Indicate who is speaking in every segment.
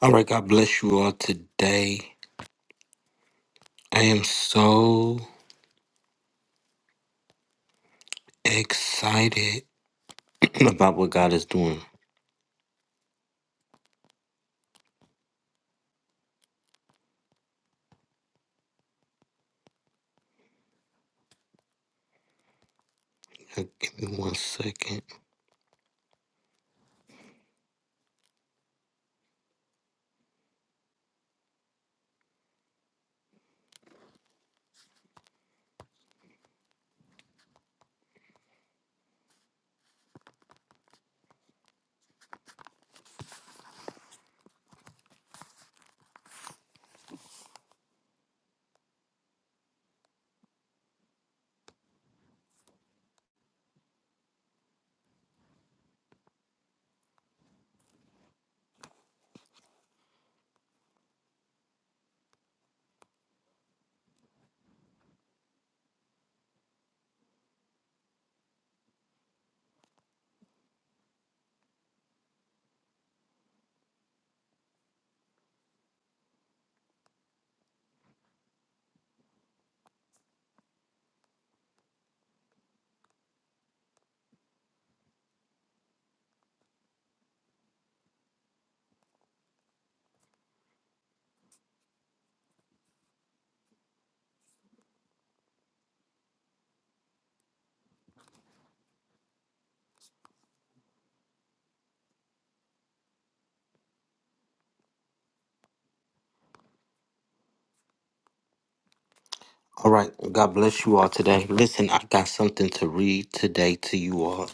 Speaker 1: All right, God bless you all today. I am so excited about what God is doing. Uh, Give me one second. All right, God bless you all today. Listen, I got something to read today to you all.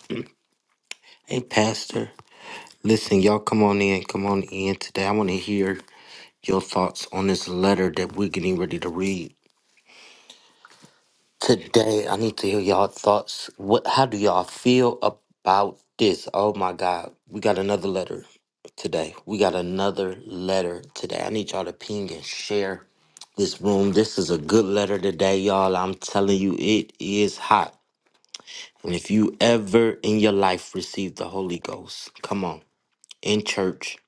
Speaker 1: Hey, Pastor, listen, y'all come on in. Come on in today. I want to hear your thoughts on this letter that we're getting ready to read. Today, I need to hear y'all thoughts. What? How do y'all feel about this? Oh my God, we got another letter today. We got another letter today. I need y'all to ping and share this room. This is a good letter today, y'all. I'm telling you, it is hot. And if you ever in your life received the Holy Ghost, come on, in church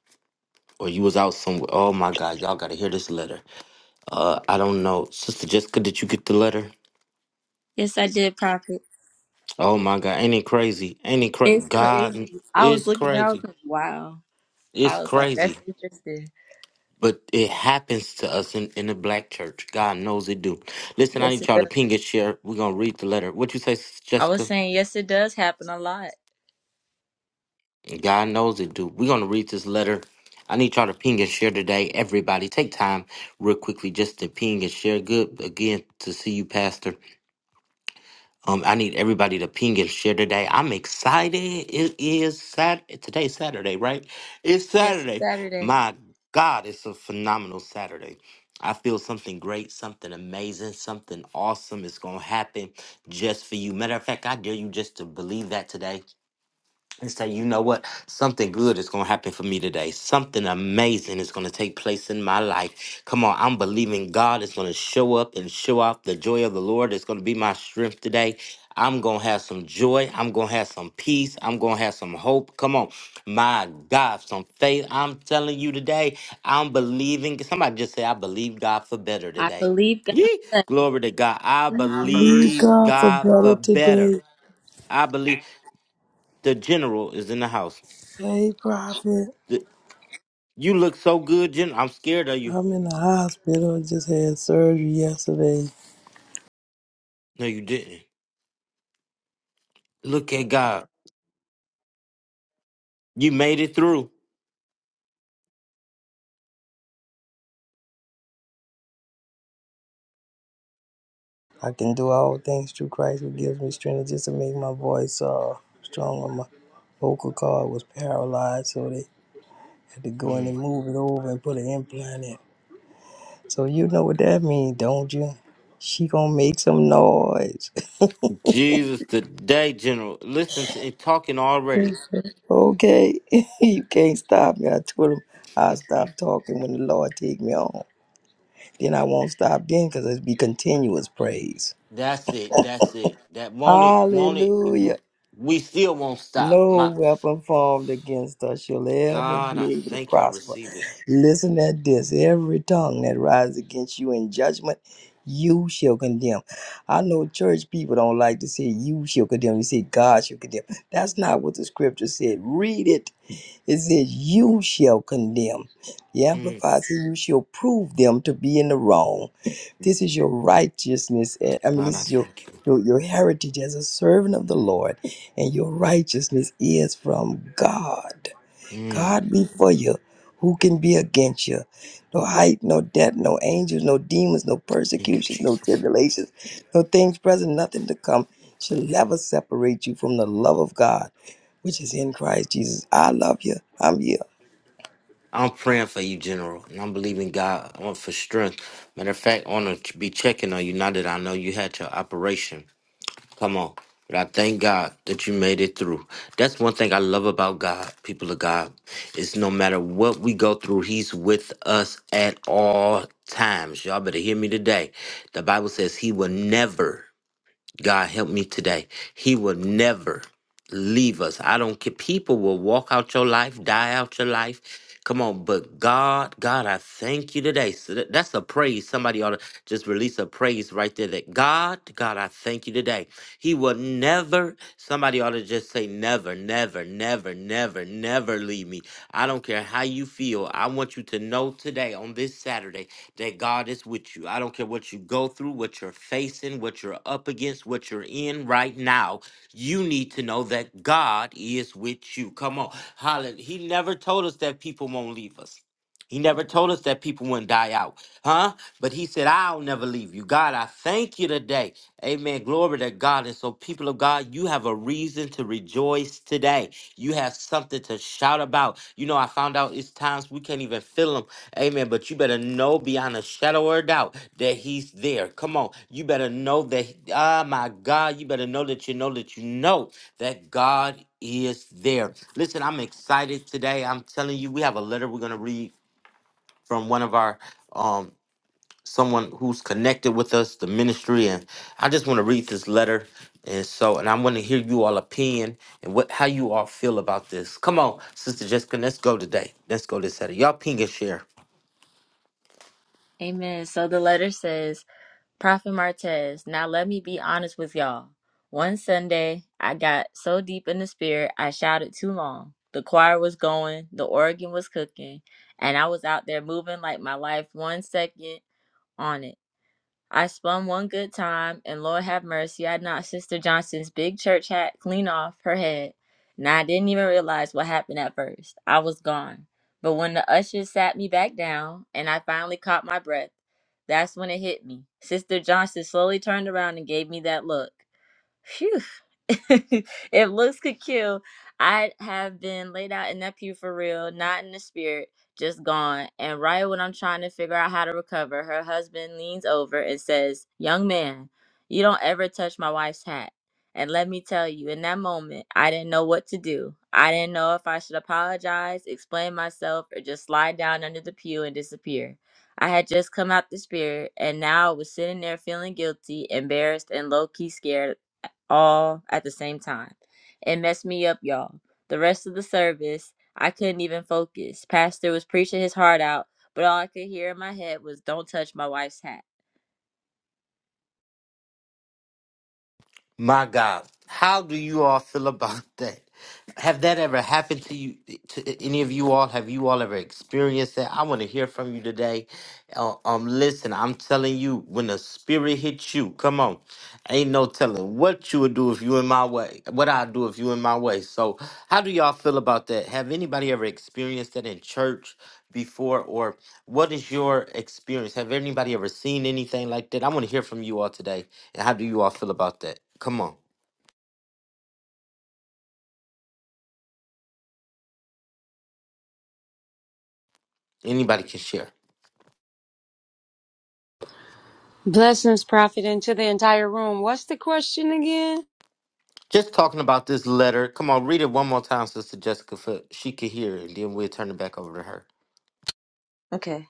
Speaker 1: or you was out somewhere. Oh my God, y'all got to hear this letter. Uh, I don't know, Sister Jessica, did you get the letter?
Speaker 2: Yes, I did, Prophet.
Speaker 1: Oh my God, ain't it crazy? Ain't it crazy?
Speaker 2: It's crazy.
Speaker 1: God
Speaker 2: I was
Speaker 1: is
Speaker 2: looking, I was
Speaker 1: crazy.
Speaker 2: like, wow. I
Speaker 1: It's
Speaker 2: was like, that's
Speaker 1: crazy.
Speaker 2: interesting.
Speaker 1: But it happens to us in, in the black church. God knows it do. Listen, I
Speaker 2: Yes,
Speaker 1: need
Speaker 2: it
Speaker 1: y'all to
Speaker 2: does.
Speaker 1: ping and share. We're gonna read the letter. What you say, Sis
Speaker 2: I was
Speaker 1: Jessica?
Speaker 2: saying, yes, it does happen a lot.
Speaker 1: God knows it do. We're gonna read this letter. I need y'all to ping and share today. Everybody, take time real quickly just to ping and share. Good again to see you, Pastor. Um, I need everybody to ping and share today. I'm excited. It is Sat. Today's Saturday, right? It's
Speaker 2: Yes, it's
Speaker 1: Saturday.
Speaker 2: Saturday.
Speaker 1: My God, it's a phenomenal Saturday. I feel something great, something amazing, something awesome is going to happen just for you. Matter of fact, I dare you just to believe that today and say, you know what? Something good is going to happen for me today. Something amazing is going to take place in my life. Come on, I'm believing God is going to show up and show off. The joy of the Lord is going to be my strength today. I'm going to have some joy. I'm going to have some peace. I'm going to have some hope. Come on, my God, some faith. I'm telling you today, I'm believing. Somebody just say, I believe God for better
Speaker 2: I
Speaker 1: today.
Speaker 2: believe God. for
Speaker 1: Yee.
Speaker 2: that.
Speaker 1: Glory to God. I
Speaker 3: Thank
Speaker 1: believe
Speaker 3: God for
Speaker 1: God for
Speaker 3: better
Speaker 1: better.
Speaker 3: today.
Speaker 1: I believe the general is in the house.
Speaker 3: Hey, Prophet.
Speaker 1: Th- You look so good, Jen. I'm scared of you.
Speaker 3: I'm in the hospital. I just had surgery yesterday.
Speaker 1: No, you didn't. Look at God. You made it through.
Speaker 3: I can do all things through Christ who gives me strength just to make my voice uh, stronger. My vocal cord was paralyzed, so they had to go in and
Speaker 1: Mm.
Speaker 3: move it over and put an implant in. So you know what that means, don't you? She gonna make some noise.
Speaker 1: Jesus, today, General. Listen to it talking already.
Speaker 3: okay, you can't stop me. I told him I'll stop talking when the Lord take me on. Then I won't stop then because it'll be continuous praise.
Speaker 1: That's it. That's it. That won't it. Won't it. We
Speaker 3: Hallelujah.
Speaker 1: we still won't stop.
Speaker 3: No
Speaker 1: My
Speaker 3: weapon formed against us shall ever
Speaker 1: God, I
Speaker 3: be able to
Speaker 1: thank you. I
Speaker 3: prosper.
Speaker 1: receive it.
Speaker 3: Listen at this. Every tongue that rises against you in judgment, you shall condemn. I know church people don't like to say you shall condemn. You say God shall condemn. That's not what the scripture said. Read it. It says, You shall condemn. The
Speaker 1: Mm.
Speaker 3: Amplified says, You shall prove them to be in the wrong. This is your righteousness. eh, I mean,
Speaker 1: God,
Speaker 3: this
Speaker 1: I
Speaker 3: is your,
Speaker 1: thank you.
Speaker 3: your, your heritage as a servant of the Lord, and your righteousness is from God.
Speaker 1: Mm.
Speaker 3: God be for you. Who can be against you? No height, no depth, no angels, no demons, no
Speaker 1: Thank you,
Speaker 3: persecutions, no
Speaker 1: Jesus.
Speaker 3: tribulations, no things present, nothing to come shall ever separate you from the love of God, which is in Christ Jesus. I love you. I'm here.
Speaker 1: I'm praying for you, General, and I'm believing God I for strength. Matter of fact, I want to be checking on you now that I know you had your operation. Come on. But I thank God that you made it through. That's one thing I love about God, people of God, is no matter what we go through, He's with us at all times. Y'all better hear me today. The Bible says He will never God help me today. He will never leave us. I don't care. People will walk out your life, die out your life. Come on, but God, God, I thank you today. So that- that's a praise. Somebody ought to just release a praise right there that God, God, I thank you today. He will never, somebody ought to just say, never, never, never, never, never leave me. I don't care how you feel. I want you to know today on this Saturday that God is with you. I don't care what you go through, what you're facing, what you're up against, what you're in right now. You need to know that God is with you. Come on. Hallelujah. He never told us that people won't leave us. He never told us that people wouldn't die out, huh? But he said, I'll never leave you. God, I thank you today. Amen. Glory to God. And so, people of God, you have a reason to rejoice today. You have something to shout about. You know, I found out it's times we can't even feel them Amen. But you better know beyond a shadow of a doubt that he's there. Come on. You better know that, ah, my God, you better know that you know that you know that God is there. Listen, I'm excited today. I'm telling you, we have a letter we're going to read from one of our, um, someone who's connected with us, the ministry. And I just want to read this letter. And so, and I want to hear you all opinion and what, how you all feel about this. Come on, Sister Jessica, let's go today. Let's go this Saturday. Y'all ping and share.
Speaker 2: Amen. So the letter says, Prophet Martez, now let me be honest with y'all. One Sunday, I got so deep in the spirit, I shouted too long. The choir was going, the organ was cooking, and I was out there moving like my life one second on it. I spun one good time, and Lord have mercy, I knocked Sister Johnson's big church hat clean off her head. Now I didn't even realize what happened at first. I was gone. But when the ushers sat me back down and I finally caught my breath, that's when it hit me. Sister Johnson slowly turned around and gave me that look. Phew. if looks could kill, I'd have been laid out in that pew for real, not in the spirit, just gone. And right when I'm trying to figure out how to recover, her husband leans over and says, Young man, you don't ever touch my wife's hat. And let me tell you, in that moment, I didn't know what to do. I didn't know if I should apologize, explain myself, or just slide down under the pew and disappear. I had just come out the spirit, and now I was sitting there feeling guilty, embarrassed, and low key scared all at the same time. It messed me up, y'all. The rest of the service, I couldn't even focus. Pastor was preaching his heart out, but all I could hear in my head was, Don't touch my wife's hat.
Speaker 1: My God, how do you all feel about that? Have that ever happened to you, to any of you all? Have you all ever experienced that? I want to hear from you today. Uh, um, listen, I'm telling you, when the spirit hits you, come on, ain't no telling what you would do if you in my way. What i do if you in my way. So, how do y'all feel about that? Have anybody ever experienced that in church before, or what is your experience? Have anybody ever seen anything like that? I want to hear from you all today. And how do you all feel about that? Come on. Anybody can share.
Speaker 4: Blessings, Prophet, and to the entire room. What's the question again?
Speaker 1: Just talking about this letter. Come on, read it one more time, Sister Jessica, so she could hear, it, and then we'll turn it back over
Speaker 2: Okay.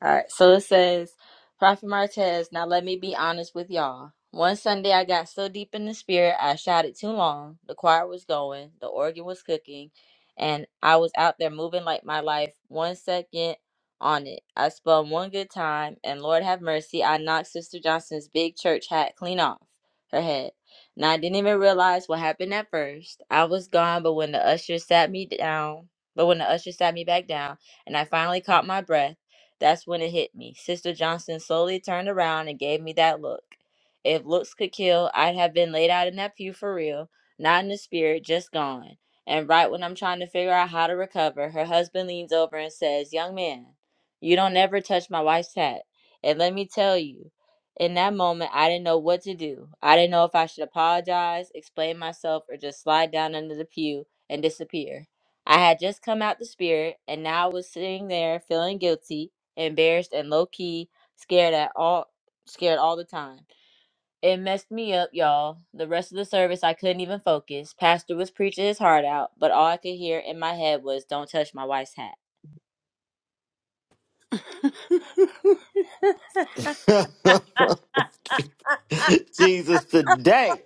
Speaker 2: All right, so it says, Prophet Martez, now let me be honest with y'all. One Sunday, I got so deep in the spirit, I shouted too long. The choir was going, the organ was cooking, and I was out there moving like my life one second on it. I spun one good time, and Lord have mercy, I knocked Sister Johnson's big church hat clean off her head. Now, I didn't even realize what happened at first. I was gone, but when the usher sat me down, but when the usher sat me back down, and I finally caught my breath, that's when it hit me. Sister Johnson slowly turned around and gave me that look. If looks could kill, I'd have been laid out in that pew for real, not in the spirit, just gone. And right when I'm trying to figure out how to recover, her husband leans over and says, Young man, you don't ever touch my wife's hat. And let me tell you, in that moment, I didn't know what to do. I didn't know if I should apologize, explain myself, or just slide down under the pew and disappear. I had just come out the spirit, and now I was sitting there feeling guilty embarrassed and low key, scared at all scared all the time. It messed me up, y'all. The rest of the service I couldn't even focus. Pastor was preaching his heart out, but all I could hear in my head was don't touch my wife's hat.
Speaker 1: to her. Jesus, today.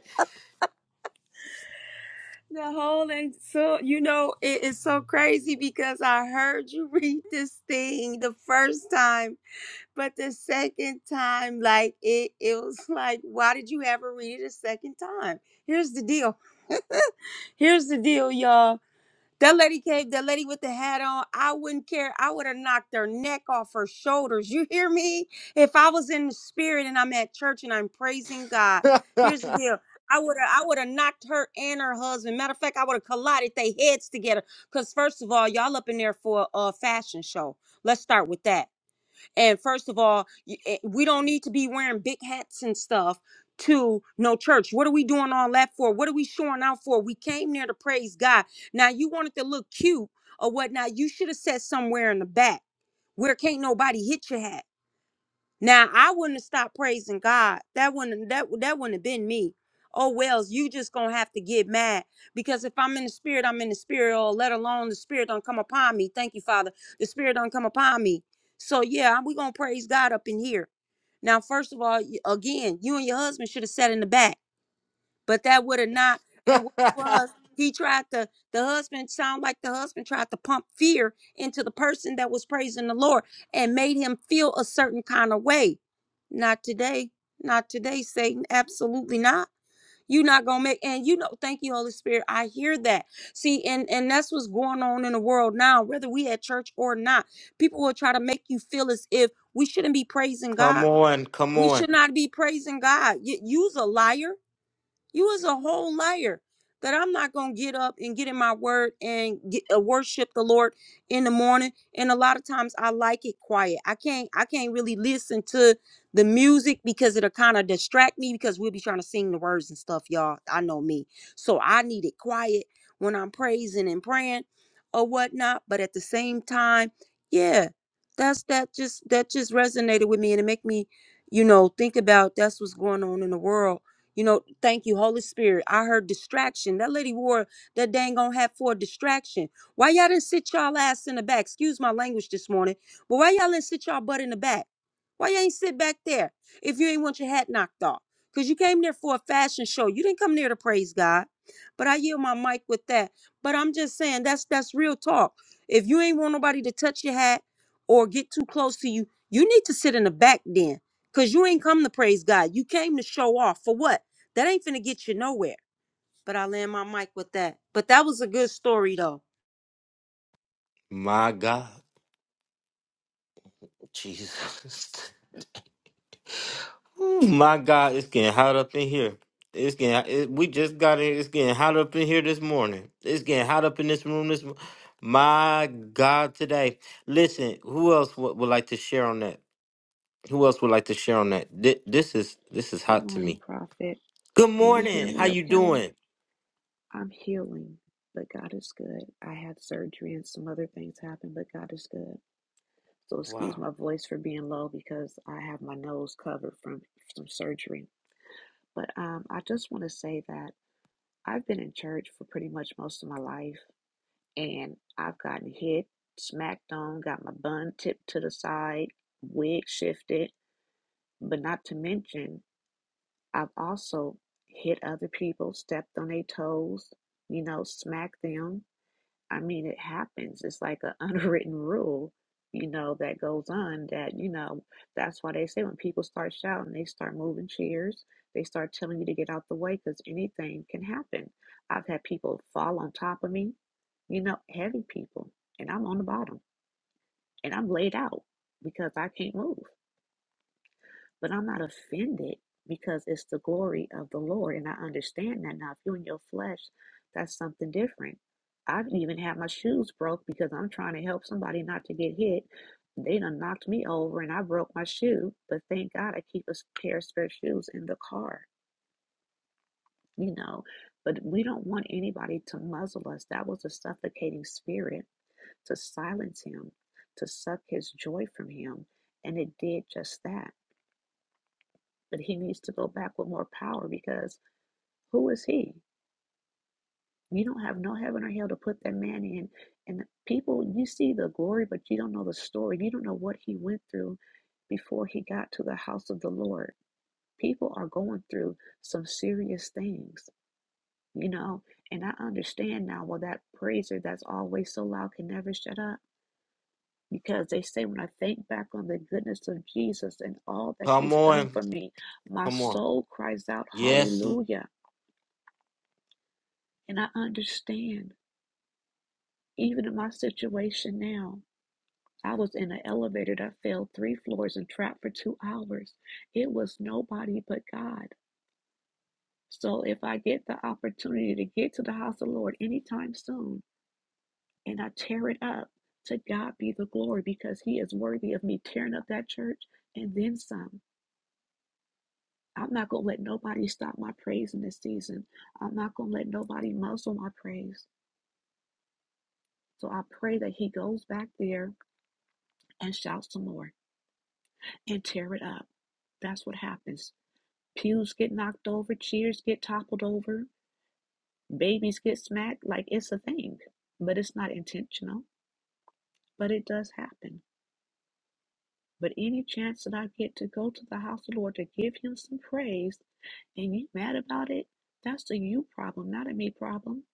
Speaker 4: The whole and so you know it is so crazy because I heard you read this thing the first time, but the second time, like it, it was like, why did you ever read it a second time? Here's the deal. Here's the deal, y'all. That lady came, that lady with the hat on, I wouldn't care. I would have knocked her neck off her shoulders. You hear me? If I was in the spirit and I'm at church and I'm praising God, here's the deal. I would have I would have knocked her and her husband. Matter of fact, I would have collided their heads together. Cause first of all, y'all up in there for a uh, fashion show. Let's start with that. And first of all, y- eh, we don't need to be wearing big hats and stuff to no church. What are we doing all that for? What are we showing out for? We came there to praise God. Now you wanted to look cute or whatnot. You should have said somewhere in the back where can't nobody hit your hat. Now I wouldn't have stopped praising God. That wouldn't that that wouldn't have been me. Oh Wells, you just gonna have to get mad because if I'm in the spirit, I'm in the spirit. Or let alone the spirit don't come upon me. Thank you, Father. The spirit don't come upon me. So yeah, we gonna praise God up in here. Now, first of all, y- again, you and your husband should have sat in the back but that would have not. And what it was he tried to? The husband sound like the husband tried to pump fear into the person that was praising the Lord and made him feel a certain kind of way. Not today. Not today, Satan. Absolutely not. You're not gonna make. And you know, thank you, Holy Spirit. I hear that. See, and and that's what's going on in the world now. Whether we at church or not, people will try to make you feel as if we shouldn't be praising
Speaker 1: come
Speaker 4: God.
Speaker 1: on, come
Speaker 4: We
Speaker 1: on.
Speaker 4: should not be praising God. You, you's a liar you is a whole liar that I'm not going to get up and get in my word and get, uh, worship the Lord in the morning. And a lot of times I like it quiet. I can't I can't really listen to the music because it'll kind of distract me because we'll be trying to sing the words and stuff, y'all. I know me. So I need it quiet when I'm praising and praying or whatnot. But at the same time, yeah, that's that just that just resonated with me and it make me, you know, think about that's what's going on in the world you know, thank you, Holy Spirit. I heard distraction. That lady wore that dang on hat for a distraction. Why y'all didn't sit y'all ass in the back? Excuse my language this morning, but why y'all didn't sit y'all butt in the back? Why you ain't sit back there if you ain't want your hat knocked off? Because you came there for a fashion show. You didn't come there to praise God. But I yield my mic with that. But I'm just saying that's that's real talk. If you ain't want nobody to touch your hat or get too close to you, you need to sit in the back then. Cause you ain't come to praise God. You came to show off for what? That ain't finna get you nowhere. But I land my mic with that. But that was a good story though.
Speaker 1: My God, Jesus. Ooh, my God, it's getting hot up in here. It's getting it, we just got it. It's getting hot up in here this morning. It's getting hot up in this room this. mo- My God, today. Listen, who else would, would like to share on that? Who else would like to share on that? Thi- This is this is
Speaker 5: Good
Speaker 1: hot to
Speaker 5: morning,
Speaker 1: me.
Speaker 5: Prophet.
Speaker 1: Good
Speaker 5: Can you hear
Speaker 1: morning. How
Speaker 5: me
Speaker 1: you
Speaker 5: okay?
Speaker 1: doing?
Speaker 5: I'm healing, but God is good. I had surgery and some other things happened, but God is good. So excuse
Speaker 1: Wow.
Speaker 5: my voice for being low because I have my nose covered from some surgery. But um, I just want to say that I've been in church for pretty much most of my life, and I've gotten hit, smacked on, got my bun tipped to the side, wig shifted, but not to mention I've also hit other people, stepped on their toes, you know, smacked them. I mean, it happens. It's like an unwritten rule, you know, that goes on that, you know, that's why they say when people start shouting, they start moving chairs, they start telling you to get out the way because anything can happen. I've had people fall on top of me, you know, heavy people, and I'm on the bottom and I'm laid out because I can't move but I'm not offended because it's the glory of the Lord. And I understand that now. If you're in your flesh, that's something different. I've even had my shoes broke because I'm trying to help somebody not to get hit. They done knocked me over and I broke my shoe. But thank God I keep a pair of spare shoes in the car, you know. But we don't want anybody to muzzle us. That was a suffocating spirit to silence him, to suck his joy from him. And it did just that But he needs to go back with more power because who is he? You don't have no heaven or hell to put that man in. And people, you see the glory, but you don't know the story. You don't know what he went through before he got to the house of the Lord. People are going through some serious things, you know. And I understand now, well, that praiser that's always so loud can never shut up. Because they say, when I think back on the goodness of Jesus and all that
Speaker 1: Come
Speaker 5: he's done
Speaker 1: on,
Speaker 5: for me, my
Speaker 1: come on.
Speaker 5: soul cries out,
Speaker 1: Yes,
Speaker 5: Hallelujah. And I understand, even in my situation now, I was in an elevator that fell three floors and trapped for two hours. It was nobody but God. So if I get the opportunity to get to the house of the Lord anytime soon and I tear it up, to God be the glory because He is worthy of me tearing up that church and then some. I'm not going to let nobody stop my praise in this season. I'm not going to let nobody muzzle my praise. So I pray that He goes back there and shouts some more. and tear it up. That's what happens. Pews get knocked over, chairs get toppled over, babies get smacked. Like it's a thing, but it's not intentional, but it does happen. But any chance that I get to go to the house of the Lord to give Him some praise, and you mad about it, that's a you problem, not a me problem.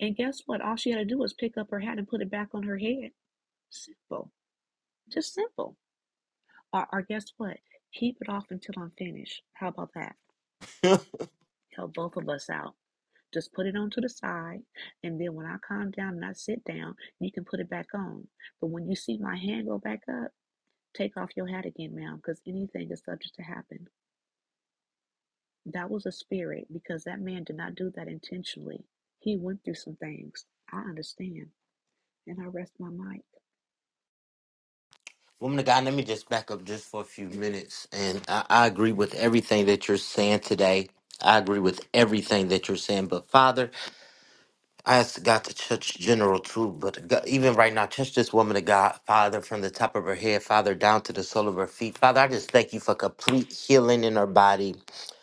Speaker 5: And guess what? All she had to do was pick up her hat and put it back on her head. Simple, just simple. Or, or guess what? Keep it off until I'm finished. How about that? Help both of us out. Just put it onto the side, and then when I calm down and I sit down, you can put it back on. But when you see my hand go back up, take off your hat again, ma'am, because anything is subject to happen. That was a spirit because that man did not do that intentionally. He went through some things. I understand. And I rest my mic.
Speaker 1: woman of God. Let me just back up just for a few minutes, and I, I agree with everything that you're saying today. I agree with everything that you're saying, but Father. I asked God to touch general too, but God, even right now, touch this woman of God, Father, from the top of her head, Father, down to the sole of her feet. Father, I just thank you for complete healing in her body.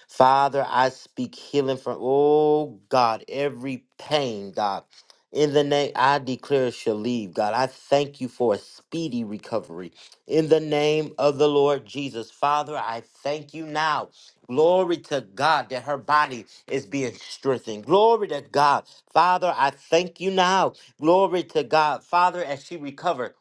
Speaker 1: Father, I speak healing from, oh God, every pain, God. In the name, I declare it shall leave, God. I thank you for a speedy recovery. In the name of the Lord Jesus, Father, I thank you now Glory to God that her body is being strengthened. Glory to God. Father, I thank you now. Glory to God. Father, as she recovered,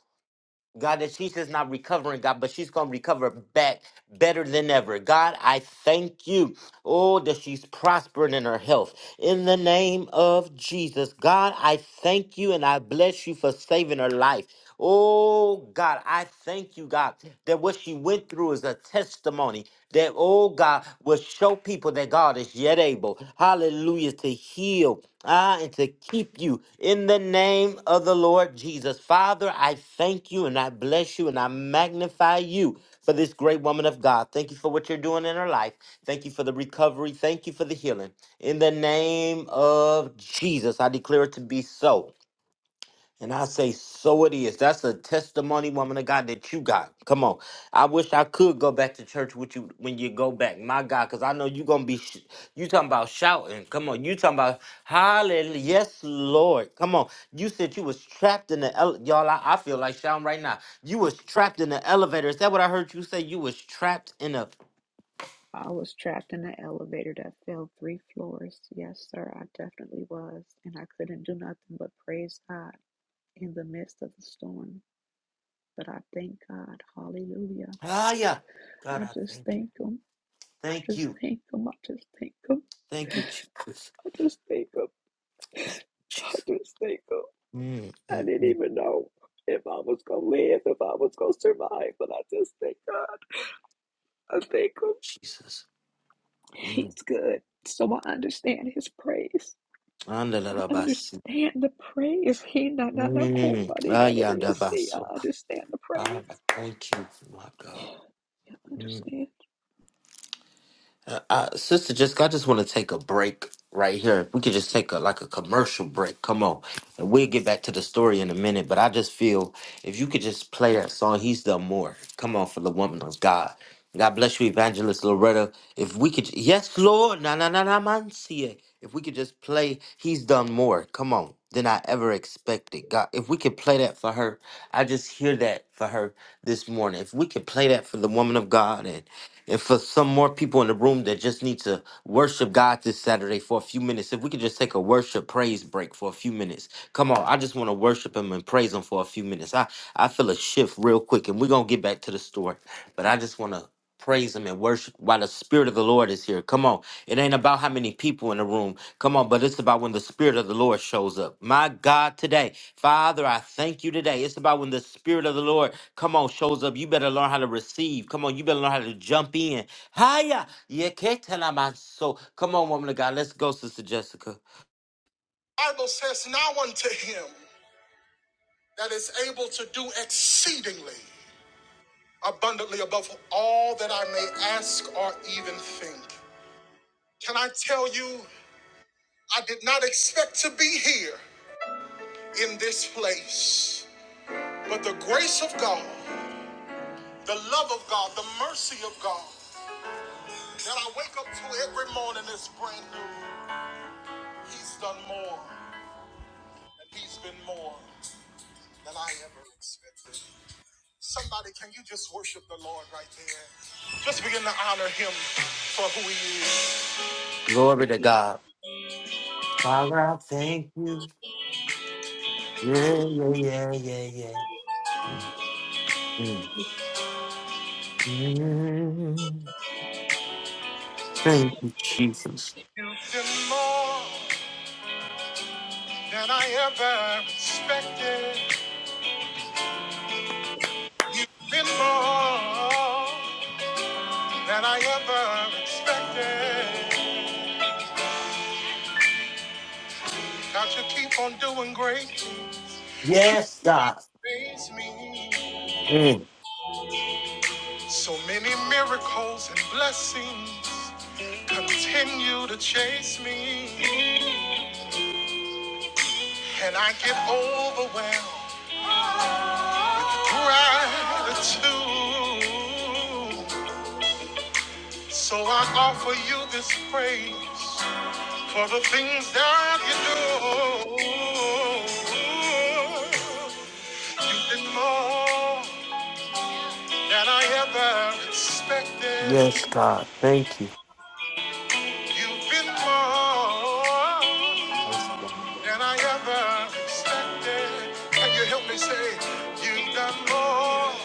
Speaker 1: God, that she's just not recovering, God, but she's going to recover back better than ever. God, I thank you. Oh, that she's prospering in her health. In the name of Jesus, God, I thank you and I bless you for saving her life. Oh, God, I thank you, God, that what she went through is a testimony that, oh God, will show people that God is yet able, hallelujah, to heal. Ah, and to keep you in the name of the Lord Jesus. Father, I thank you and I bless you and I magnify you for this great woman of God. Thank you for what you're doing in her life. Thank you for the recovery. Thank you for the healing. In the name of Jesus, I declare it to be so. And I say, so it is. That's a testimony, woman of God, that you got. Come on. I wish I could go back to church with you when you go back. My God, because I know you're going to be, sh- you talking about shouting. Come on. You talking about, hallelujah. Yes, Lord. Come on. You said you was trapped in the, ele- y'all, I, I feel like shouting right now. You was trapped in the elevator. Is that what I heard you say? You was trapped in a,
Speaker 5: I was trapped in an elevator that fell three floors. Yes, sir, I definitely was. And I couldn't do nothing but praise God in the midst of the storm. But I thank God. Hallelujah
Speaker 1: ah, yeah. God,
Speaker 5: I
Speaker 1: I
Speaker 5: just
Speaker 1: thank you.
Speaker 5: thank him. I
Speaker 1: Thank
Speaker 5: just
Speaker 1: you.
Speaker 5: thank him. I just thank him.
Speaker 1: Thank you, Jesus.
Speaker 5: I just thank him.
Speaker 1: Thank you,
Speaker 5: I
Speaker 1: Jesus.
Speaker 5: just thank him.
Speaker 1: Mm,
Speaker 5: I
Speaker 1: mm,
Speaker 5: didn't
Speaker 1: mm.
Speaker 5: even know if I was gonna live, if I was gonna survive, but I just thank God. I thank him.
Speaker 1: Jesus. Mm.
Speaker 5: He's good. So I understand his praise. I
Speaker 1: Andalabasi.
Speaker 5: understand the praise. He na na na
Speaker 1: Mm.
Speaker 5: kumbari da da da. See, I
Speaker 1: Ayadabaso.
Speaker 5: understand the
Speaker 1: Ah,
Speaker 5: praise.
Speaker 1: Thank you, my God.
Speaker 5: Yeah, I
Speaker 1: Mm.
Speaker 5: understand.
Speaker 1: Uh, uh, Sister Jessica, I just want to take a break right here. If we could just take a like a commercial break. Come on. And we'll get back to the story in a minute. But I just feel if you could just play that song, He's Done More. Come on for the woman of God. God bless you, Evangelist Loretta. If we could, yes, Lord, na na na na man, see it. If we could just play, He's Done More. Come on, than I ever expected. God, if we could play that for her, I just hear that for her this morning. If we could play that for the woman of God, and. And for some more people in the room that just need to worship God this Saturday for a few minutes, if we could just take a worship praise break for a few minutes. Come on, I just want to worship Him and praise Him for a few minutes. I, I feel a shift real quick, and we're going to get back to the story. but I just want to praise Him and worship while the Spirit of the Lord is here. Come on, it ain't about how many people in the room. Come on, but it's about when the Spirit of the Lord shows up. My God, today, Father, I thank you today. It's about when the Spirit of the Lord Come on, shows up. You better learn how to receive. Come on, you better learn how to jump in. Hiya. Yeah, can so. Come on, woman of God. Let's go, Sister Jessica.
Speaker 2: Bible says now unto him that is able to do exceedingly abundantly above all that I may ask or even think. Can I tell you, I did not expect to be here in this place, but the grace of God The love of God, the mercy of God that I wake up to every morning is brand new. He's done more, and He's been more than I ever expected. Somebody, can you just worship the Lord right there? Just begin to honor Him for who He is.
Speaker 1: Glory to God. Father, I thank you. Yeah, yeah, yeah, yeah, yeah. Mm, mm. Thank you, Jesus.
Speaker 2: You've been more than I ever expected. You've been more than I ever expected. God, you keep on doing great things.
Speaker 1: Yes, God.
Speaker 2: Praise me.
Speaker 1: Mm,
Speaker 2: So many miracles and blessings continue to chase me, and I get overwhelmed with gratitude. So I offer you this praise for the things that you do. You've been more than I ever expected.
Speaker 1: Yes, God. Thank you.
Speaker 2: You've been more.
Speaker 1: Yes, God.
Speaker 2: than I ever expected. Can you help me say you've done more?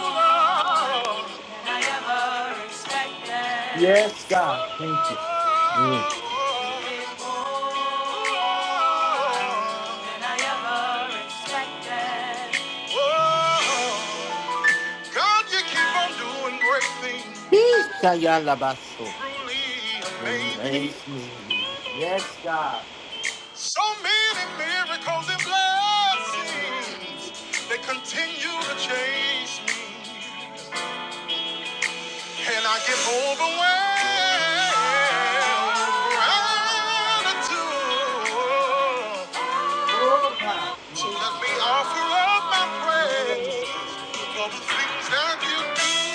Speaker 2: Oh, than I ever expected.
Speaker 1: Yes, God.
Speaker 2: Oh,
Speaker 1: Thank you. Mm.
Speaker 2: oh, than I ever expected. Oh, God, you keep on doing great things.
Speaker 1: Eesh, ayalabaso.
Speaker 2: Truly amazing.
Speaker 1: Amaze me. Yes, God.
Speaker 2: So many miracles and blessings
Speaker 1: Continue.
Speaker 2: that continue to chase me. And I get overwhelmed with gratitude.
Speaker 1: Oh, God. Mm.
Speaker 2: So let me offer up my
Speaker 1: Yeah, yeah,
Speaker 2: praise
Speaker 1: yeah, yeah,
Speaker 2: for the
Speaker 1: yeah.
Speaker 2: things that you do.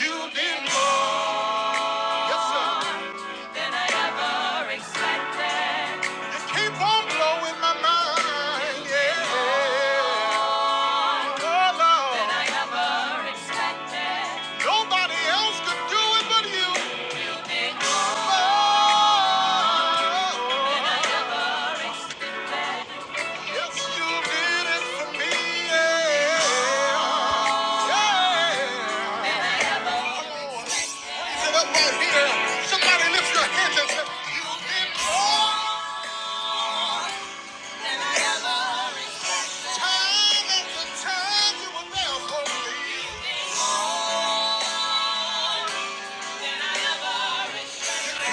Speaker 2: You did more. Yes, sir. keep on blowing my mind, yeah. Oh, Lord. Nobody else could do it but you. Oh, yes, you did it for me, yeah. Yeah. right Somebody lift your hands and say, "You did more time after time. You were never for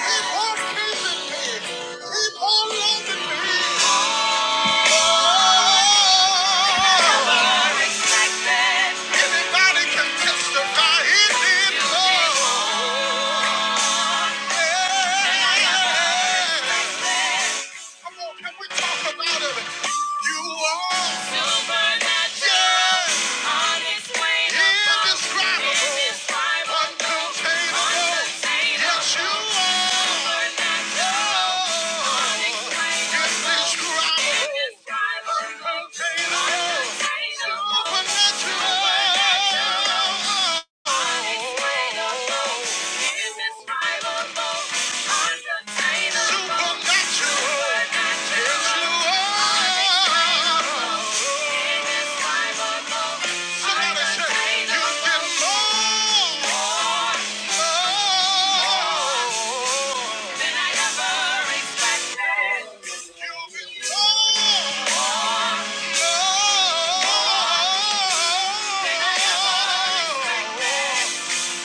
Speaker 2: Keep on chasing me. Keep on loving me. Oh, anybody can testify he did so. Yeah. Come on, can we talk about it? You are supernatural, unexplainable, indescribable, indescribable, uncontainable. Yes, you are supernatural, unexplainable, indescribable, uncontainable, supernatural. Oh!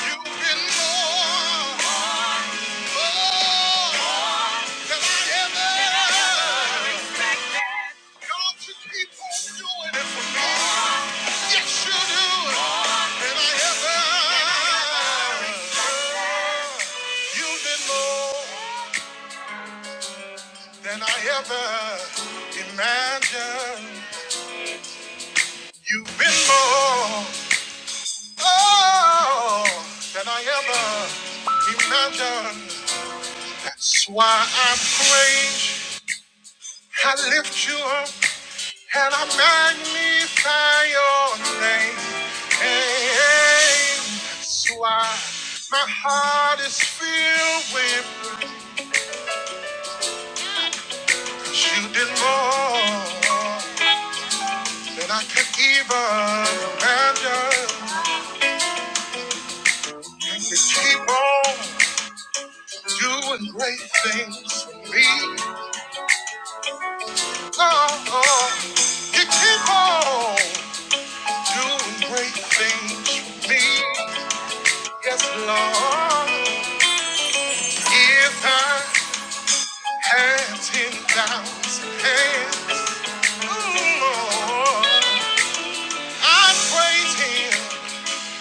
Speaker 2: You've been more, more than I ever expected. God, you keep on doing it for me. Yes, you do. more than I ever imagined. You've been more, oh, than I ever imagined. That's why I praise you. I lift you up and I magnify your name. Hey, so I, my heart is filled with praise. You did more than I could even imagine. And you keep on doing great things for me. Oh, oh. you keep on doing great things for me. Yes, Lord. If I had 10,000 hands, mm, Lord, I'd praise him,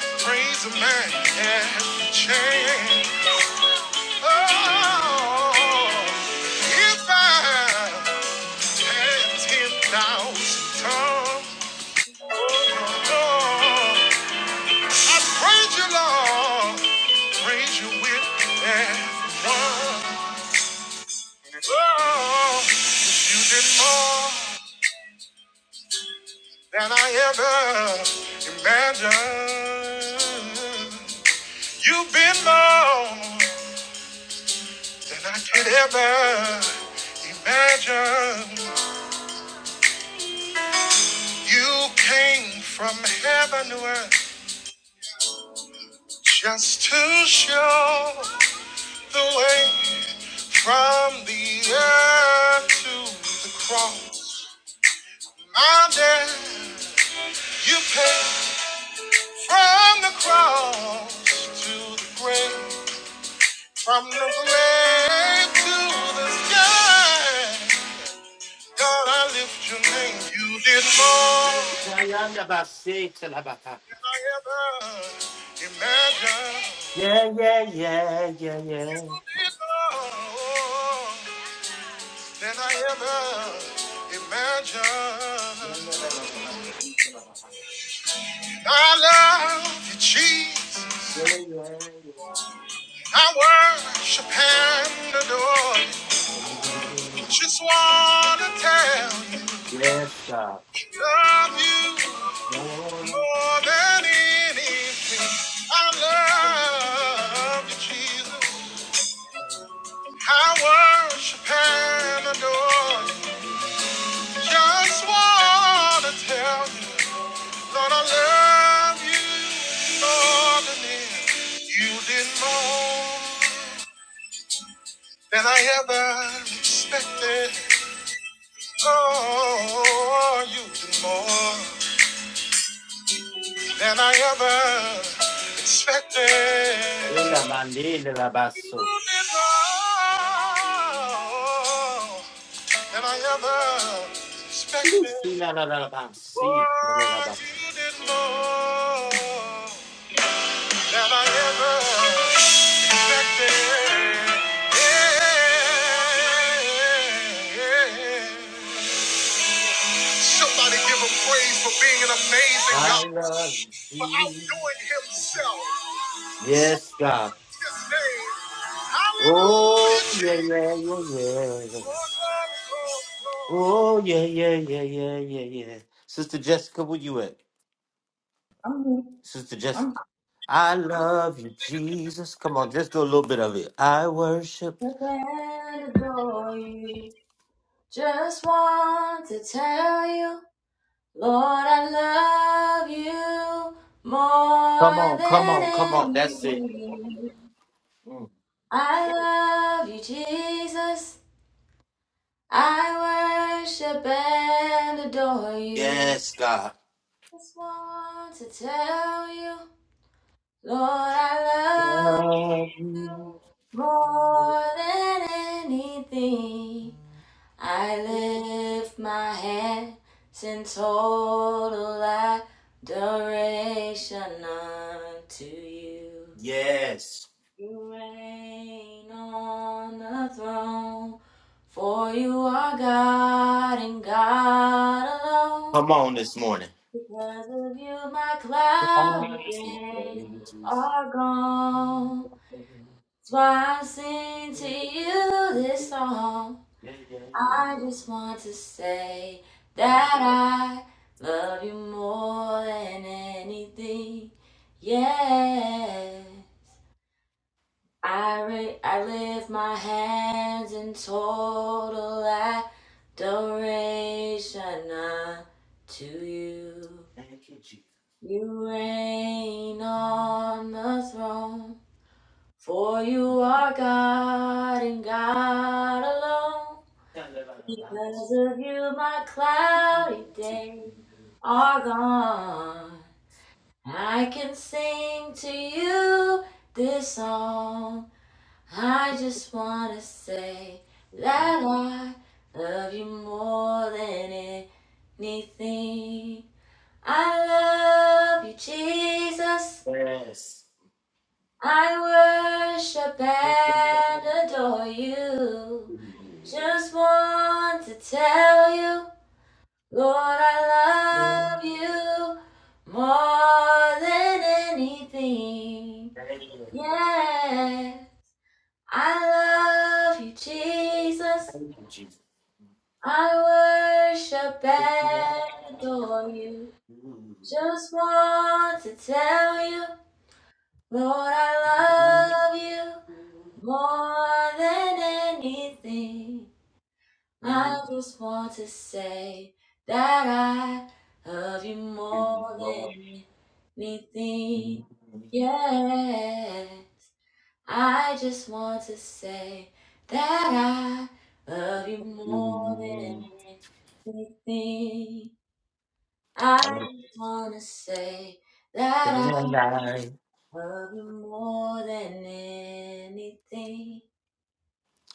Speaker 2: praise the man every chance. Oh, if I had 10,000 tongues, oh, I'd praise you, Lord, praise you with every one. Oh, 'cause you did more. than I ever imagined. You've been more than I could ever imagine. You came from heaven to earth just to show the way from the earth to the cross. My dad, you paid from the cross to the grave. From the grave to the sky, God, I lift your name. You did more
Speaker 1: Shayanda basi talabaha.
Speaker 2: than I ever imagined.
Speaker 1: Yeah, yeah, yeah, yeah, yeah.
Speaker 2: You did more than I ever imagined.
Speaker 1: Yeah, yeah, yeah, yeah,
Speaker 2: I love you, Jesus.
Speaker 1: yeah,
Speaker 2: I worship and adore you.
Speaker 1: yeah. yeah,
Speaker 2: Just
Speaker 1: yeah.
Speaker 2: wanna tell
Speaker 1: Yes, God.
Speaker 2: you, love you.
Speaker 1: Lord.
Speaker 2: More than anything, I love you, Jesus. I worship and adore you. Just want to tell you, Lord, I love you more than anything. You did more than I ever expected. Oh, you did more than I ever expected.
Speaker 1: Ela mandela
Speaker 2: than
Speaker 1: basso.
Speaker 2: I ever suspected.
Speaker 1: Sina la la la
Speaker 2: Oh,
Speaker 1: basi.
Speaker 2: you did more than I ever expected. Yeah. Somebody give him praise for being an amazing
Speaker 1: I
Speaker 2: God,
Speaker 1: love
Speaker 2: for
Speaker 1: you.
Speaker 2: outdoing himself. His
Speaker 1: Yes, God.
Speaker 2: name.
Speaker 1: Oh,
Speaker 2: Hallelujah.
Speaker 1: yeah, yeah, yeah, yeah. Oh, yeah, yeah, yeah, yeah, yeah, yeah. Sister Jessica, where you at? Sister Jessica. I love you, Jesus. Come on, just do a little bit of it. I worship.
Speaker 2: adore you. Just want to tell you, Lord, I love you
Speaker 1: Come
Speaker 2: more
Speaker 1: on, come on, come
Speaker 2: than
Speaker 1: on. That's it.
Speaker 2: anything.
Speaker 1: Mm.
Speaker 2: I love you, Jesus. I worship and adore you.
Speaker 1: Yes, God.
Speaker 2: Just want to tell you, Lord, I love.
Speaker 1: Love you.
Speaker 2: More than anything, I lift my hands in total adoration unto you.
Speaker 1: Yes.
Speaker 2: You reign on the throne, for you are God and God alone.
Speaker 1: Come on this morning.
Speaker 2: Because of you, my cloudy days are gone. That's why I sing to you
Speaker 1: Yes.
Speaker 2: this song.
Speaker 1: Yeah, yeah, yeah,
Speaker 2: I just want to say
Speaker 1: yeah. yeah.
Speaker 2: that I love you more than anything. Yeah. I, ra- I lift my hands in total adoration to you.
Speaker 1: Thank you, Jesus.
Speaker 2: You reign on the throne. For you are God and God alone.
Speaker 1: Tell them about the
Speaker 2: Because of you, my cloudy days are gone. I can sing to you this song. I just wanna say that I love you more than anything. I love you, Jesus.
Speaker 1: Yes.
Speaker 2: I worship
Speaker 1: Yeah, yeah.
Speaker 2: and adore you. Just want to tell you. Lord, I love you more than anything. Yeah, I love you, Jesus.
Speaker 1: Thank you, Jesus.
Speaker 2: I worship
Speaker 1: Thank you,
Speaker 2: and adore you. Just want to tell you, Lord, I love you more than anything. I just want to say that I love you more than anything. Yeah. I just want to say that I love you more than anything. I just want to say that I
Speaker 1: Lord. I
Speaker 2: love you more than anything.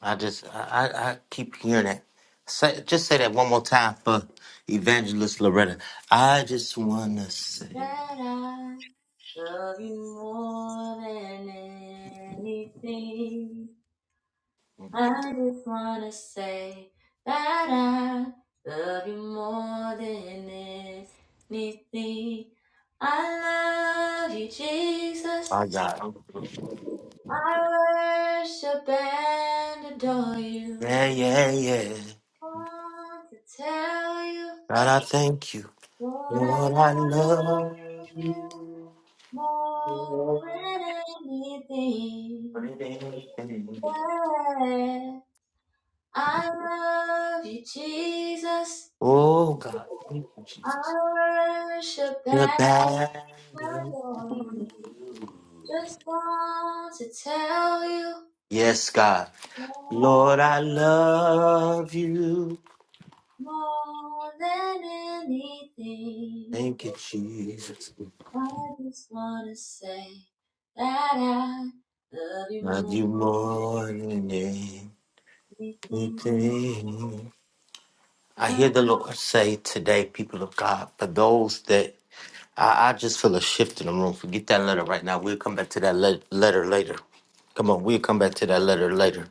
Speaker 1: I just I, I I keep hearing that. Say just say that one more time for Evangelist Loretta. I just wanna say,
Speaker 2: That I. Love you more than anything. I just wanna say that I love you more than anything. I love you, Jesus.
Speaker 1: I got
Speaker 2: I worship and adore you.
Speaker 1: yeah yeah yeah.
Speaker 2: I want to tell you
Speaker 1: God, I thank you.
Speaker 2: that I
Speaker 1: Lord, I love
Speaker 2: love you
Speaker 1: you.
Speaker 2: more than anything. Yeah, I love you, Jesus.
Speaker 1: Oh God, thank you,
Speaker 2: I
Speaker 1: Jesus.
Speaker 2: worship
Speaker 1: The
Speaker 2: and
Speaker 1: bad. good.
Speaker 2: adore you. Just want to tell you
Speaker 1: Yes, God. Lord, I love you.
Speaker 2: more than anything.
Speaker 1: Thank you, Jesus.
Speaker 2: I just want to say that I love you more
Speaker 1: Love
Speaker 2: than
Speaker 1: you more than
Speaker 2: anything. I
Speaker 1: anything. I hear the Lord say today, people of God, for those that I, I just feel a shift in the room. Forget that letter right now. We'll come back to that le- letter later. Come on, we'll come back to that letter later.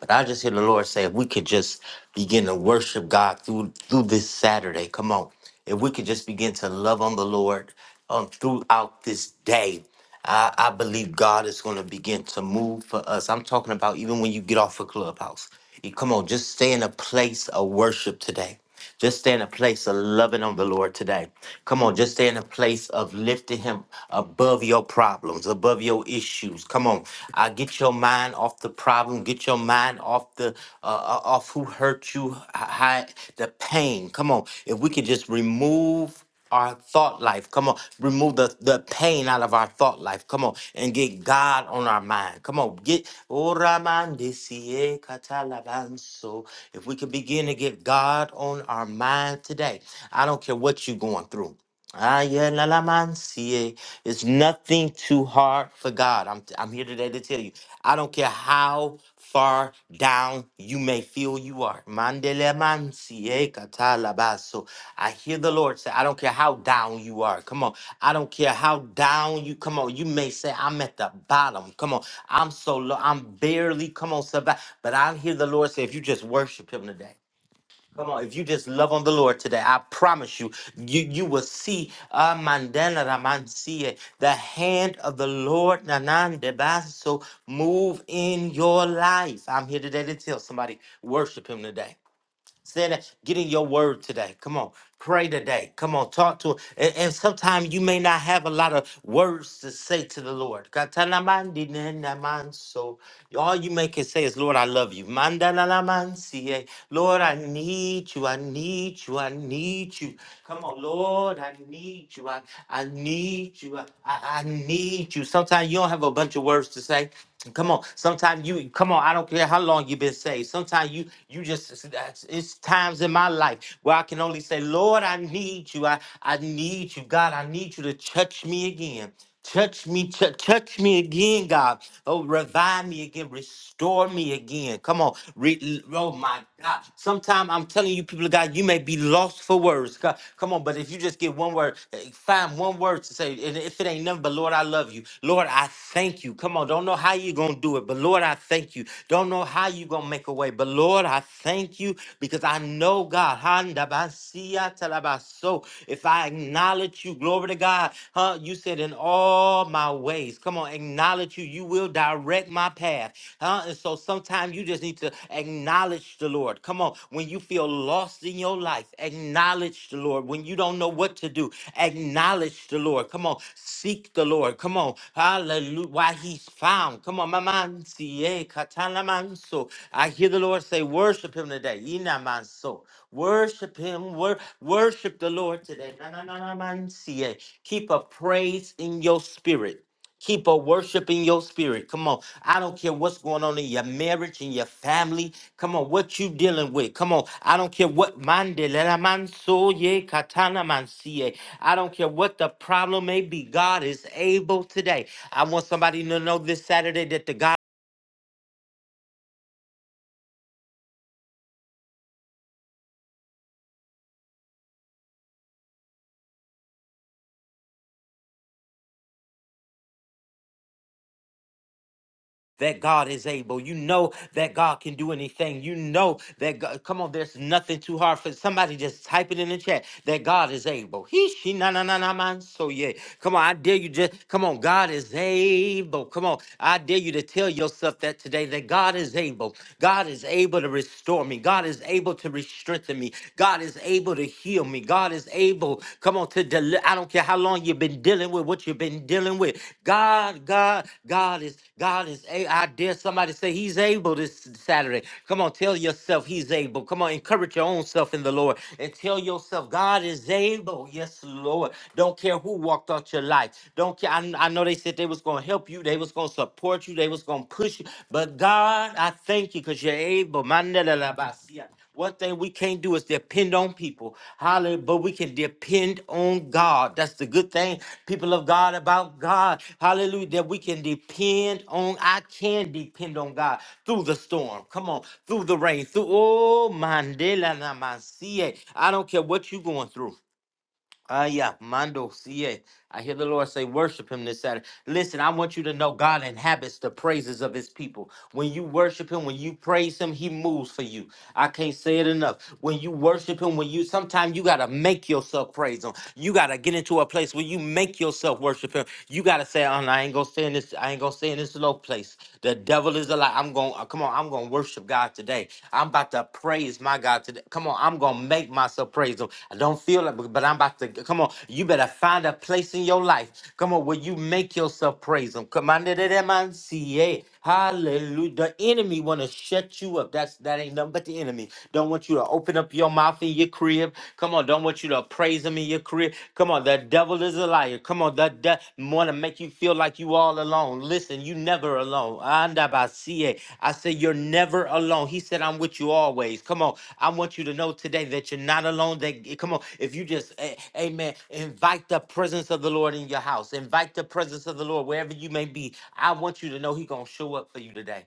Speaker 1: But I just hear the Lord say, if we could just begin to worship God through through this Saturday, come on. If we could just begin to love on the Lord um, throughout this day, I, I believe God is going to begin to move for us. I'm talking about even when you get off a clubhouse. You- Come on, just stay in a place of worship today. Just stay in a place of loving on the Lord today. Come on, just stay in a place of lifting Him above your problems, above your issues. Come on, uh, get your mind off the problem, get your mind off the uh, uh, off who hurt you, hi- the pain. Come on, if we could just remove our thought life. Come on, remove the, the pain out of our thought life. Come on, and get God on our mind. Come on, get Oramandesie katalabanso. if we could begin to get God on our mind today. I don't care what you're going through. Ah, yeah, la la man, see, eh, it's nothing too hard for God. I'm I'm here today to tell you. I don't care how far down you may feel you are. Mandele man, see, eh, katala baso. I hear the Lord say, I don't care how down you are. Come on. I don't care how down you come on. You may say, I'm at the bottom. Come on. I'm so low. I'm barely come on survive. But I hear the Lord say, if you just worship him today. Come on, if you just love on the Lord today, I promise you, you you will see uh, mandana ramansie, the hand of the Lord nanan debaso move in your life. I'm here today to tell somebody worship Him today. Saying that, get in your word today. Come on, pray today. Come on, talk to him. And, and sometimes you may not have a lot of words to say to the Lord. Katanamandinennamanso. All you may can say is, Lord, I love you. Mandanalamansie. Lord, I need you. I need you. I need you. Come on, Lord, I need you. I, I need you. I, I I need you. Sometimes you don't have a bunch of words to say. Come on. Sometimes you come on. I don't care how long you've been saved. Sometimes you you just it's that's- it's times in my life where I can only say, Lord, I need you. I I need you, God. I need you to touch me again. Touch me, tou- touch me again, God. Oh, revive me again, restore me again. Come on, Re- oh my God, sometime I'm telling you, people of God, you may be lost for words. Co- Come on, but if you just get one word, eh, find one word to say, and if it ain't nothing but Lord, I love you. Lord, I thank you. Come on, don't know how you're gonna do it, but Lord, I thank you. Don't know how you're gonna make a way, but Lord, I thank you because I know God. Handa basia talabaso. If I acknowledge you, glory to God, huh? You said in all all my ways. Come on, acknowledge you. You will direct my path. Huh? And so sometimes you just need to acknowledge the Lord. Come on. When you feel lost in your life, acknowledge the Lord. When you don't know what to do, acknowledge the Lord. Come on. Seek the Lord. Come on. Hallelujah. Why he's found. Come on. Mamansi, eh, katalamanso. I hear the Lord say, worship him today. Inamanso. Worship him. Wor- worship the Lord today. Na, na, na, na, man, see it. Keep a praise in your spirit. Keep a worship in your spirit. Come on. I don't care what's going on in your marriage, in your family. Come on, what you dealing with. Come on. I don't care what mandelela manso ye katana mansie. I don't care what the problem may be. God is able today. I want somebody to know this Saturday that the God that God is able. You know that God can do anything. You know that God, come on, there's nothing too hard for somebody just type it in the chat that God is able. He she na na na na man. So yeah. Come on, I dare you just come on, God is able. Come on. I dare you to tell yourself that today that God is able. God is able to restore me. God is able to re-strengthen me. God is able to heal me. God God is able, come on, to deliver. I don't care how long you've been dealing with what you've been dealing with. God, God, God is, God is, a- I dare somebody say he's able this Saturday. Come on, tell yourself he's able. Come on, encourage your own self in the Lord and tell yourself God is able. Yes, Lord. Don't care who walked out your life. Don't care. I, I know they said they was going to help you. They was going to support you. They was going to push you. But God, I thank you because you're able. One thing we can't do is depend on people. Hallelujah. But we can depend on God. That's the good thing, people of God, about God. Hallelujah. That we can depend on. I can depend on God through the storm. Come on. Through the rain. Through, oh, Mandela Namasie. I don't care what you're going through. Ah, yeah, Mando, see it. I hear the Lord say, worship him this Saturday. Listen, I want you to know God inhabits the praises of his people. When you worship him, when you praise him, he moves for you. I can't say it enough. When you worship him, when you sometimes you gotta make yourself praise him. You gotta get into a place where you make yourself worship him. You gotta say, Oh, no, I ain't gonna stay in this, I ain't gonna stay in this low place. The devil is alive. I'm gonna uh, come on, I'm gonna worship worship God today. I'm about to praise my God today. Come on, I'm gonna make myself praise Him. I don't feel it, but but I'm about to. Come on, you better find a place in your life. Come on, where you make yourself praise Him. Come on, da- da- da- man, see, eh? hallelujah. The enemy want to shut you up. That's that ain't nothing but the enemy. Don't want you to open up your mouth in your crib. Come on, don't want you to praise Him in your crib. Come on, the devil is a liar. Come on, the de- want to make you feel like you all alone. Listen, you never alone. Andabasie. I say you're never alone. He said, I'm with you always. Come on, I want you to know today that you're not alone. That come on, if you just, a- Amen. Invite the presence of the Lord in your house. Invite the presence of the Lord wherever you may be. I want you to know He's gonna show up for you today.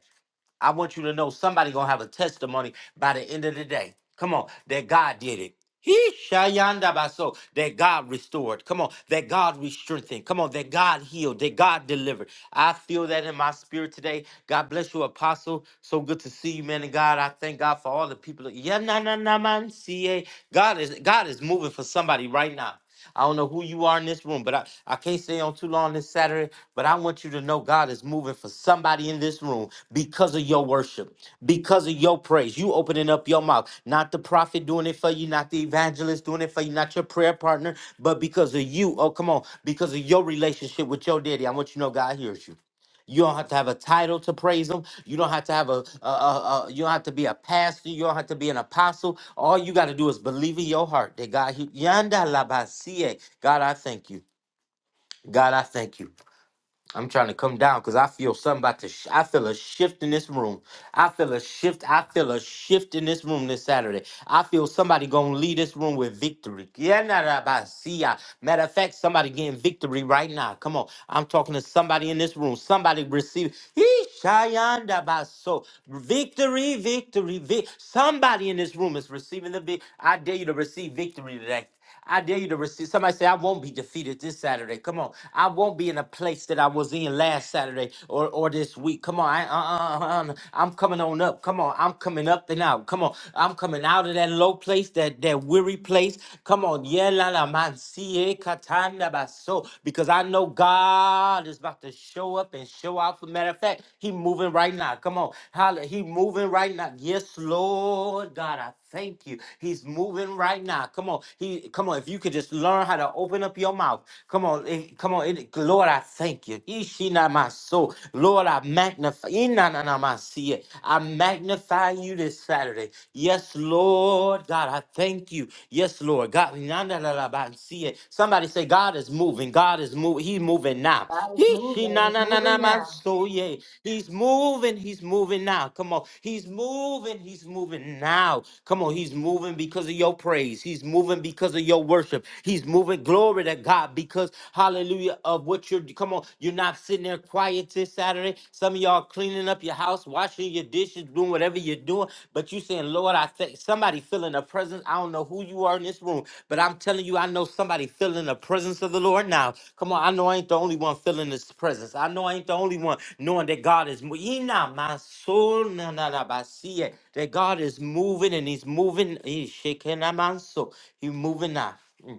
Speaker 1: I want you to know somebody gonna have a testimony by the end of the day. Come on, that God did it. He shayanda baso that God restored. Come on, that God re-strengthened. Come on, that God healed, that God delivered. I feel that in my spirit today. God bless you, Apostle. So good to see you, man. And God, I thank God for all the people. Yeah, na na na man, See, ca. God is God is moving for somebody right now. I don't know who you are in this room, but I, I can't stay on too long this Saturday. But I want you to know God is moving for somebody in this room because of your worship, because of your praise. You opening up your mouth, not the prophet doing it for you, not the evangelist doing it for you, not your prayer partner, but because of you. Oh, come on, because of your relationship with your daddy. I want you to know God hears you. You don't have to have a title to praise him. You don't have to have a, a, a, a- you don't have to be a pastor. You don't have to be an apostle. All you got to do is believe in your heart that God, he- Yanda labasie. God, I thank you. God, I thank you. I'm trying to come down because I feel something about to. Sh- I feel a shift in this room. I feel a shift. I feel a shift in this room this Saturday. I feel somebody gonna leave this room with victory. Yeah, nah, nah, bah, see ya. Matter of fact, somebody getting victory right now. Come on, I'm talking to somebody in this room. Somebody receive. Yee, shayanda bah, So victory, victory, vic. Somebody in this room is receiving the vic. I dare you to receive victory today. I dare you to receive. Somebody say, I won't be defeated this Saturday. Come on. I won't be in a place that I was in last Saturday or, or this week. Come on. I, uh, uh, uh, uh, I'm coming on up. Come on. I'm coming up and out. Come on. I'm coming out of that low place, that, that weary place. Come on. Yeah, la, la, man, see eh, katanda baso. Because I know God is about to show up and show out. For matter of fact, He moving right now. Come on. Holla. He moving right now. Yes, Lord God. I thank you. He's moving right now. Come on. He come on. If you could just learn how to open up your mouth. Come on. eh, Come on. It, Lord, I thank you. Ishina my soul. Lord, I magnify. Inanana my see it. I magnify you this Saturday. Yes, Lord. God, I thank you. Yes, Lord. God, inanana la ba see it. somebody say, God is moving. God is is moving. He's moving now.
Speaker 2: It's
Speaker 1: He, she,
Speaker 2: moving.
Speaker 1: na,
Speaker 2: It's
Speaker 1: na, na, na,
Speaker 2: moving
Speaker 1: man,
Speaker 2: now.
Speaker 1: so yeah. He's moving. He's moving now. Come on. He's moving. He's moving now. Come on. He's moving because of your praise. He's moving because of your worship. He's moving. Glory to God because, hallelujah, of what you're, come on. You're not sitting there quiet this Saturday. Some of y'all cleaning up your house, washing your dishes you doing whatever you're doing, but you saying, Lord, I think somebody feeling the presence. I don't know who you are in this room, but I'm telling you, I know somebody feeling the presence of the Lord now. Come on, I know I ain't the only one feeling this presence. I know I ain't the only one knowing that God is mo- Ina maso na na na ba, see it. that God is moving and he's moving. He's shaking my soul. He's moving now. Mm.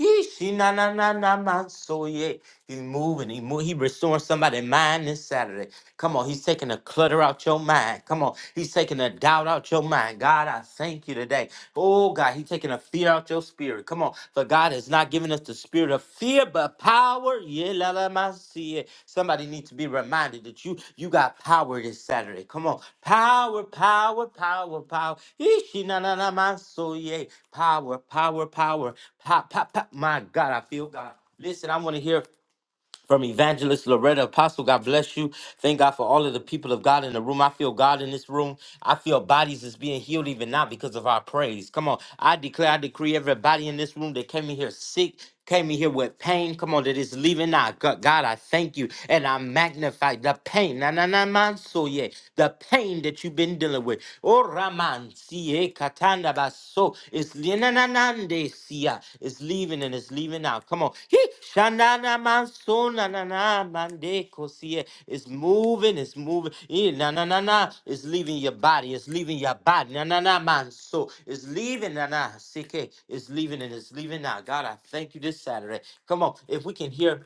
Speaker 1: Yeesh, na na na na man. So yeah, he's moving. He move. He restoring somebody's mind this Saturday. Come on, he's taking the clutter out your mind. Come on, he's taking the doubt out your mind. God, I thank you today. Oh God, He's taking a fear out your spirit. Come on. For God has not given us the spirit of fear, but power. Yeah, la la ma see it. Somebody needs to be reminded that you you got power this Saturday. Come on. Power, power, power, power. Ishi na na na ma so yeah. Power, power, power. Pop, pop, pop. My God, I feel God. Listen, I want to hear. From Evangelist Loretta Apostle, God bless you. Thank God for all of the people of God in the room. I feel God in this room. I feel bodies is being healed even now because of our praise. Come on. I declare, I decree everybody in this room that came in here sick, came in here with pain. Come on, that is leaving now. Go- God, I thank you. And I magnify the pain. Na na na man so yeah. The pain that you've been dealing with. Oh Raman Sie katanda baso. It's linanande sia. It's leaving and it's leaving out. Come on. He shanana manso na na na mande kosie. It's moving. It's moving. Eh, Na na na na. It's leaving your body. It's leaving your body. Na na na manso. It's leaving. Na na sike. It's leaving and it's leaving out. God, I thank you this Saturday. Come on. If we can hear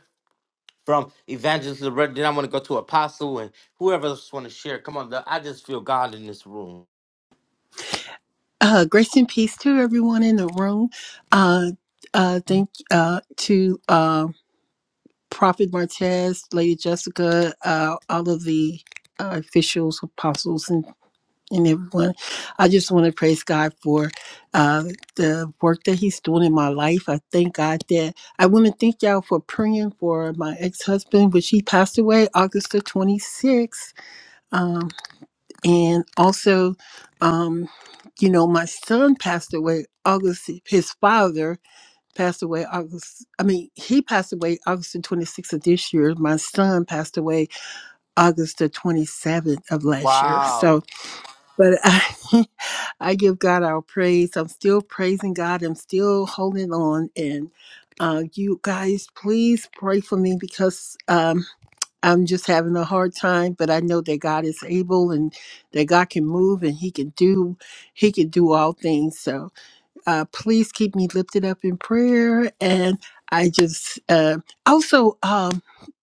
Speaker 1: from Evangelist Loretta, then I want to go to Apostle and whoever else want to share. Come on. I just feel God in this room.
Speaker 6: Uh, grace and peace to everyone in the room. Uh, uh, thank uh, to uh, Prophet Martez, Lady Jessica, uh, all of the uh, officials, apostles, and, and everyone. I just want to praise God for uh, the work that He's doing in my life. I thank God that I want to thank y'all for praying for my ex husband, which he passed away August the 26th and also um you know my son passed away august his father passed away august i mean he passed away august the 26th of this year my son passed away august the 27th of last year
Speaker 1: Wow.
Speaker 6: so but i i give god our praise i'm still praising god i'm still holding on and uh, you guys please pray for me because um, I'm just having a hard time, but I know that God is able and that God can move and he can do he can do all things. so uh, please keep me lifted up in prayer. And I just uh, also, um,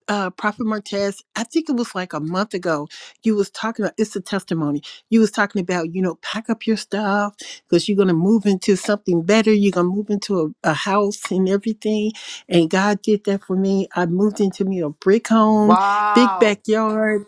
Speaker 6: uh, Prophet Martez, I think it was like a month ago. You was talking about it's a testimony. You was talking about you know pack up your stuff because you're gonna move into something better. You're gonna move into a, a house and everything. And God did that for me. I moved into me a brick home, big
Speaker 1: Wow.
Speaker 6: backyard.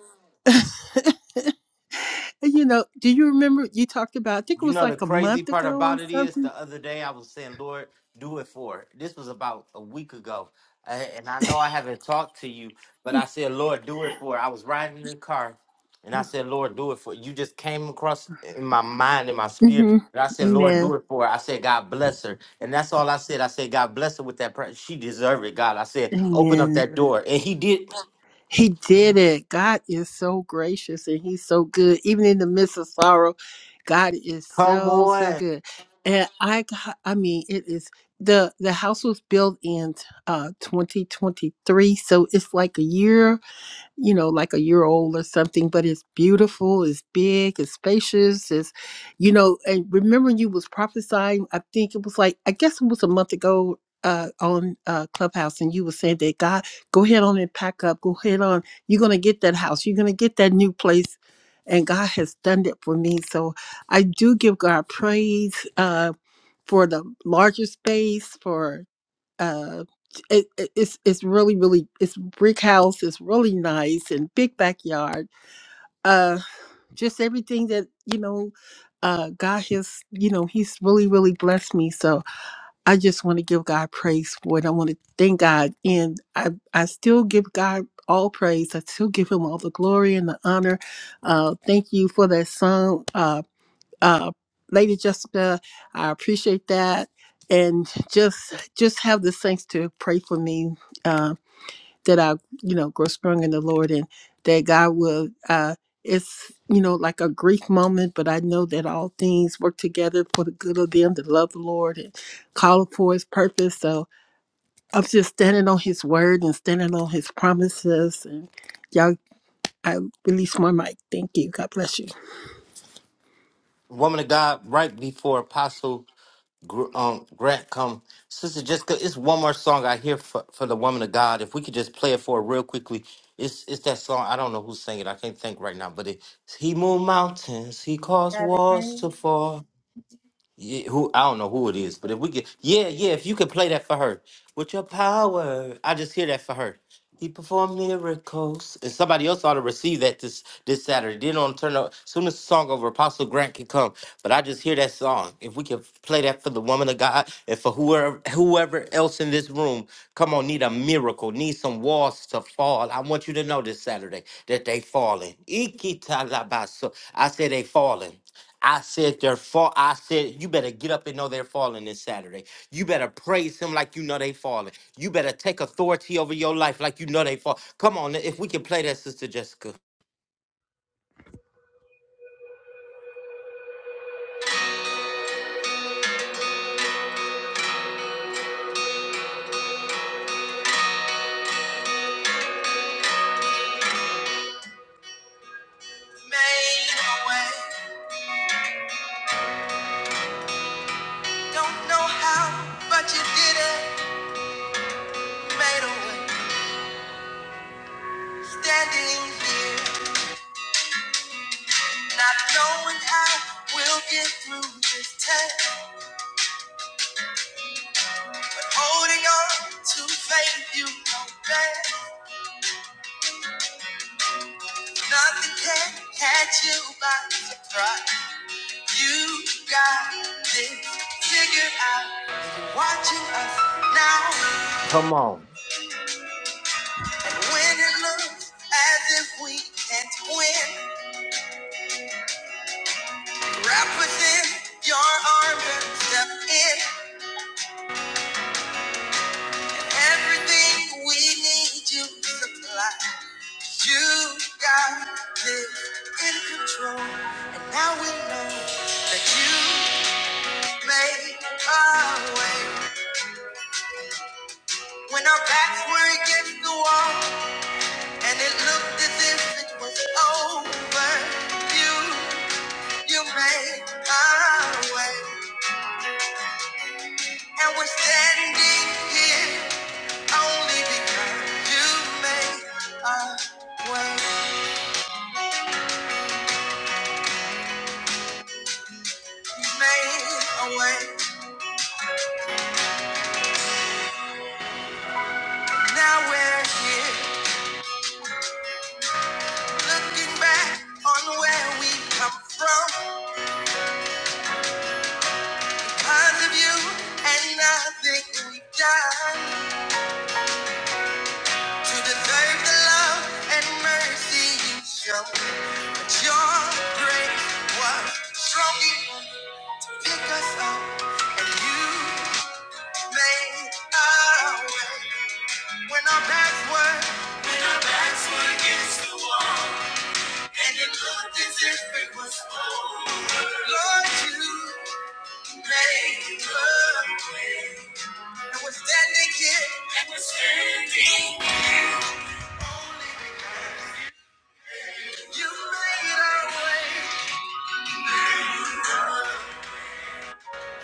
Speaker 6: And, you know, do you remember you talked about? I think it
Speaker 1: You
Speaker 6: was
Speaker 1: know the
Speaker 6: like a
Speaker 1: crazy
Speaker 6: month
Speaker 1: part
Speaker 6: ago or
Speaker 1: about it is
Speaker 6: something.
Speaker 1: the other day I was saying, Lord, do it for her." This was about a week ago. Uh, And I know I haven't talked to you, but I said, Lord, do it for her." I was riding in the car and I said, Lord, do it for her." You just came across in my mind, in my spirit.
Speaker 6: hmm
Speaker 1: And I said, Lord,
Speaker 6: Amen.
Speaker 1: do it for her." I said, God bless her. And that's all I said. I said, God bless her with that prayer. She deserved it, God. I said, open up
Speaker 6: Amen.
Speaker 1: that door. And he did.
Speaker 6: He did it. God is so gracious and he's so good. Even in the midst of sorrow, God is
Speaker 1: Come
Speaker 6: so, so
Speaker 1: on.
Speaker 6: good. And I got, I mean, it is the the house was built in uh 2023, so it's like a year you know, like a year old or something, but it's beautiful, it's big, it's spacious, it's, you know, and remember you was prophesying, I think it was like, I guess it was a month ago uh, on uh, Clubhouse, and you were saying that God, go ahead on and pack up, go ahead on, you're going to get that house, you're going to get that new place. And God has done it for me. So I do give God praise uh, for the larger space, for uh it, it- it's it's really really it's brick house it's really nice and big backyard uh just everything that you know uh god has you know he's really really blessed me so i just want to give god praise for it i want to thank god and i i still give god all praise i still give him all the glory and the honor uh thank you for that song Uh uh, Lady Jessica, I appreciate that, and just just have the saints to pray for me uh, that I, you know, grow strong in the Lord, and that God will. Uh, it's you know like a grief moment, but I know that all things work together for the good of them that love the Lord and call for His purpose. So I'm just standing on His word and standing on His promises, and y'all, I release my mic. Thank you. God bless you.
Speaker 1: Woman of God, right before Apostle. Gr- um Grant come sister Jessica it's one more song I hear for, for the woman of God if we could just play it for her real quickly it's it's that song I don't know who's singing I can't think right now but it he moved mountains he caused
Speaker 2: Brother
Speaker 1: walls to
Speaker 2: Green.
Speaker 1: fall yeah, who I don't know who it is, but if we could, yeah, yeah, if you could play that for her with your power, I just hear that for her. He performed miracles, and somebody else ought to receive that this this Saturday. Then on turn up soon as the song over, Apostle Grant can come. But I just hear that song. If we can play that for the woman of God and for whoever whoever else in this room, come on, need a miracle, need some walls to fall. I want you to know this Saturday that they falling. Ikitalabaso. I say they falling. I said they're fall. I said you better get up and know they're falling this Saturday. You better praise him like you know they falling. You better take authority over your life like you know they fall. Come on, if we can play that, Sister Jessica.
Speaker 2: Made a way. Don't know how, but you did it. Made a way. Standing here, not knowing how we'll get through this test. Holding on to faith, you know best. Nothing can catch you by surprise. You got this figured out. You're watching us now,
Speaker 1: Come on.
Speaker 2: and when it looks as if we can't win. Wrap within your arms and step in. Everything we need you supply. You got this in control. And now we know that you made a way. When our backs were against the wall and it looked as if it was over, you, you made a way. And we're standing here Only because you made a way, you made a way. Now we're here, looking back on where we come from. Kind of you and nothing we've done to deserve the love and mercy you show. But your was strong. enough to Pick us up, and you made a way when our backs were backs were against And it looked as if it was over. Lord, you made a way. I was standing here, and you made a way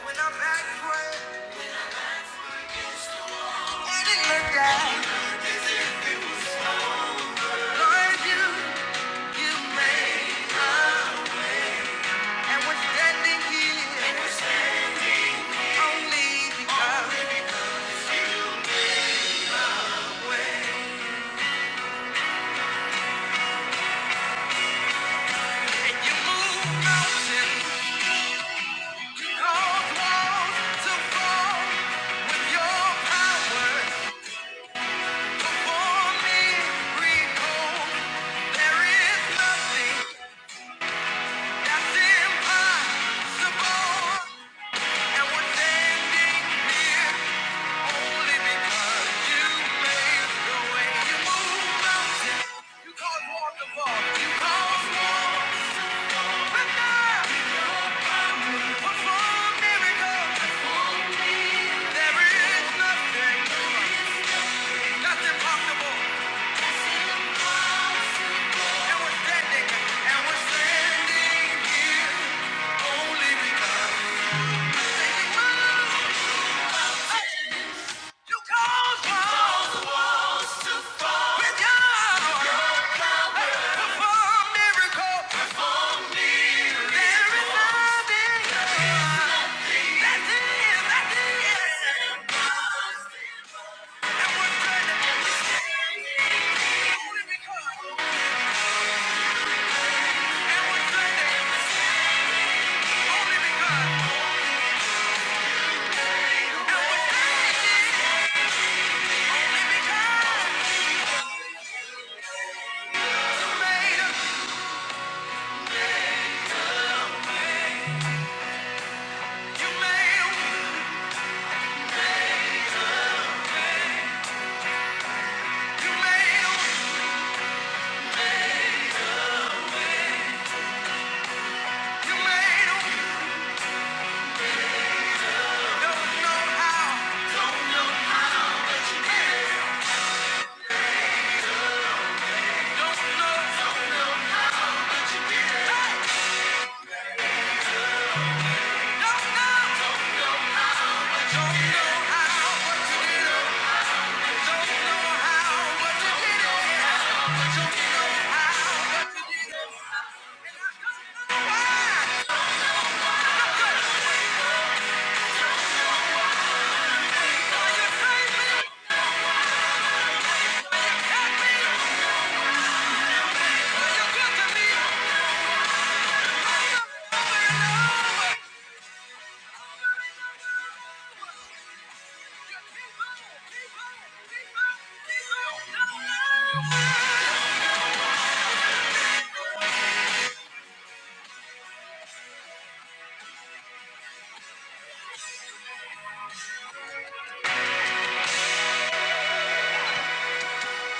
Speaker 2: when I back way. And it looked like, Lord, you, you made a way. And we're standing here, and was standing only because of the way. And you moved mountains, you caused walls to fall with your power. That's impossible. And we're standing, and we're standing here only because you called us miracle. There is nothing that's in, that's in. And we're standing, and we're standing only only because, made a, you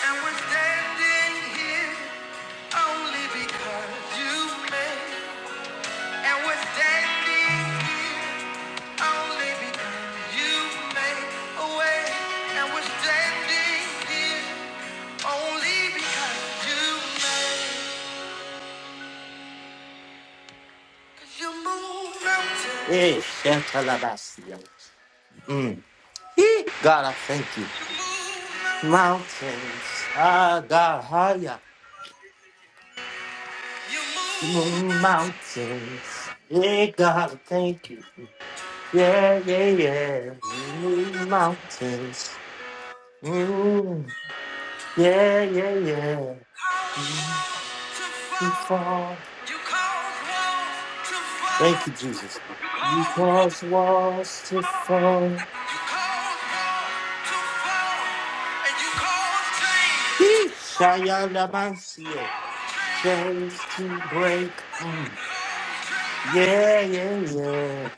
Speaker 2: And we're standing here only because you made. And we're standing here only because you made a way. And we're standing here. Only because you made, 'Cause you move
Speaker 1: Eh,
Speaker 2: mountains,
Speaker 1: shatalabasio. Mm. Hee. God, I thank you.
Speaker 2: you move mountains,
Speaker 1: Mountains, ah God, higher.
Speaker 2: you move
Speaker 1: Mm,
Speaker 2: mountains
Speaker 1: Mountains, yeah, God, I thank you. Yeah, yeah, you move mountains. Mm. Yeah, yeah, yeah.
Speaker 2: to fall. You cause walls to
Speaker 1: Thank
Speaker 2: fall,
Speaker 1: you, Jesus. You cause walls to fall.
Speaker 2: cause walls to fall, and you cause change.
Speaker 1: Yeesh, Shayalamansiye. Chains to break. Mm. Yeah, yeah, yeah.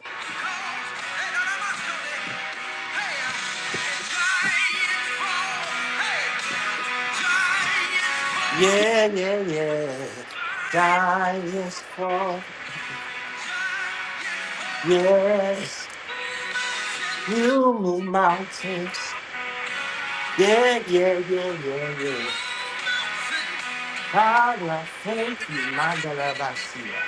Speaker 1: Yeah, yeah, yeah. Giants fall. Yes. You move mountains. Yeah, yeah, yeah, yeah, yeah. God, thank you, Mandalabasia.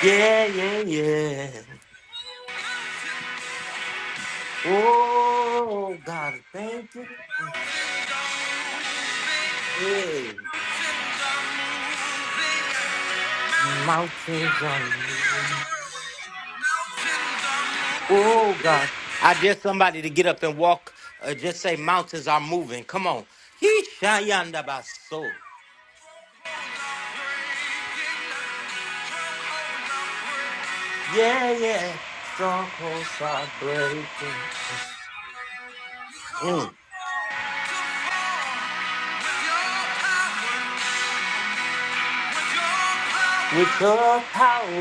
Speaker 1: Yeah, yeah, yeah. Oh, God, thank you.
Speaker 2: Mountains are moving,
Speaker 1: Hey,
Speaker 2: mountains are moving.
Speaker 1: mountains are
Speaker 2: Hear the
Speaker 1: moving.
Speaker 2: word. Mountains are moving.
Speaker 1: Oh God. I dare somebody to get up and walk. Uh, just say mountains are moving. Come on. He baso.
Speaker 2: My son is
Speaker 1: Yeah, yeah. Strongholds are breaking. Mm. With your power.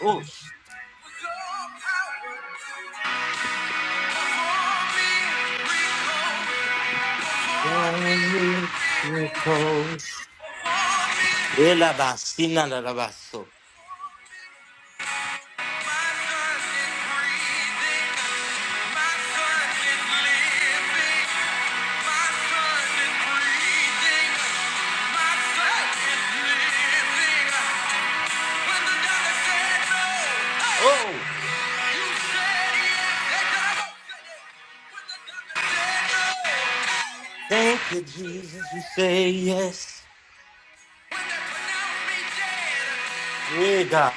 Speaker 1: Oh, your miracles. Elabasinalabaso.
Speaker 2: breathing, my son is living. Yeah.
Speaker 1: Oh, thank you, Jesus. You say yes. Yeah, God.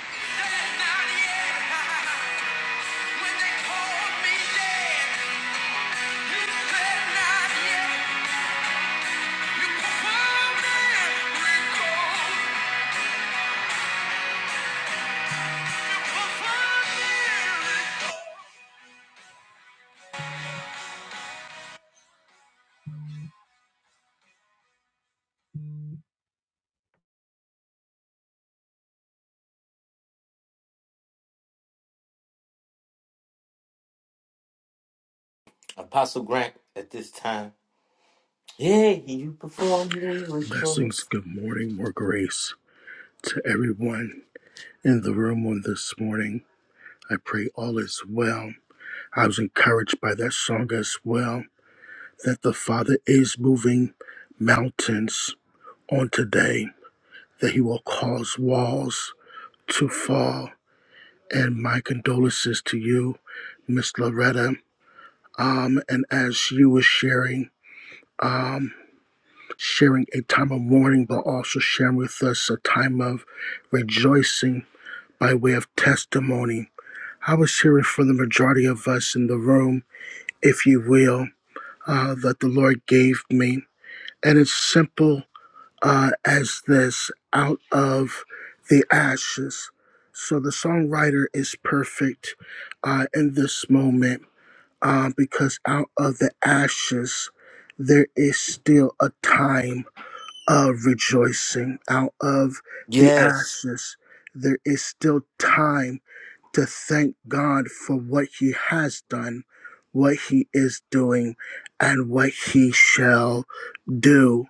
Speaker 1: Apostle Grant, at this time. Yeah, you perform
Speaker 7: Blessings,
Speaker 1: miracles.
Speaker 7: good morning, more grace to everyone in the room on this morning. I pray all is well. I was encouraged by that song as well that the Father is moving mountains on today, that He will cause walls to fall. And my condolences to you, Miss Loretta. Um, and as you were sharing, um, sharing a time of mourning, but also sharing with us a time of rejoicing by way of testimony. I was hearing from the majority of us in the room, if you will, uh, that the Lord gave me. And it's simple uh, as this out of the ashes. So the songwriter is perfect uh, in this moment uh, because out of the ashes, there is still a time of rejoicing. Out of the
Speaker 1: Yes,
Speaker 7: ashes, there is still time to thank God for what He has done, what He is doing, and what He shall do.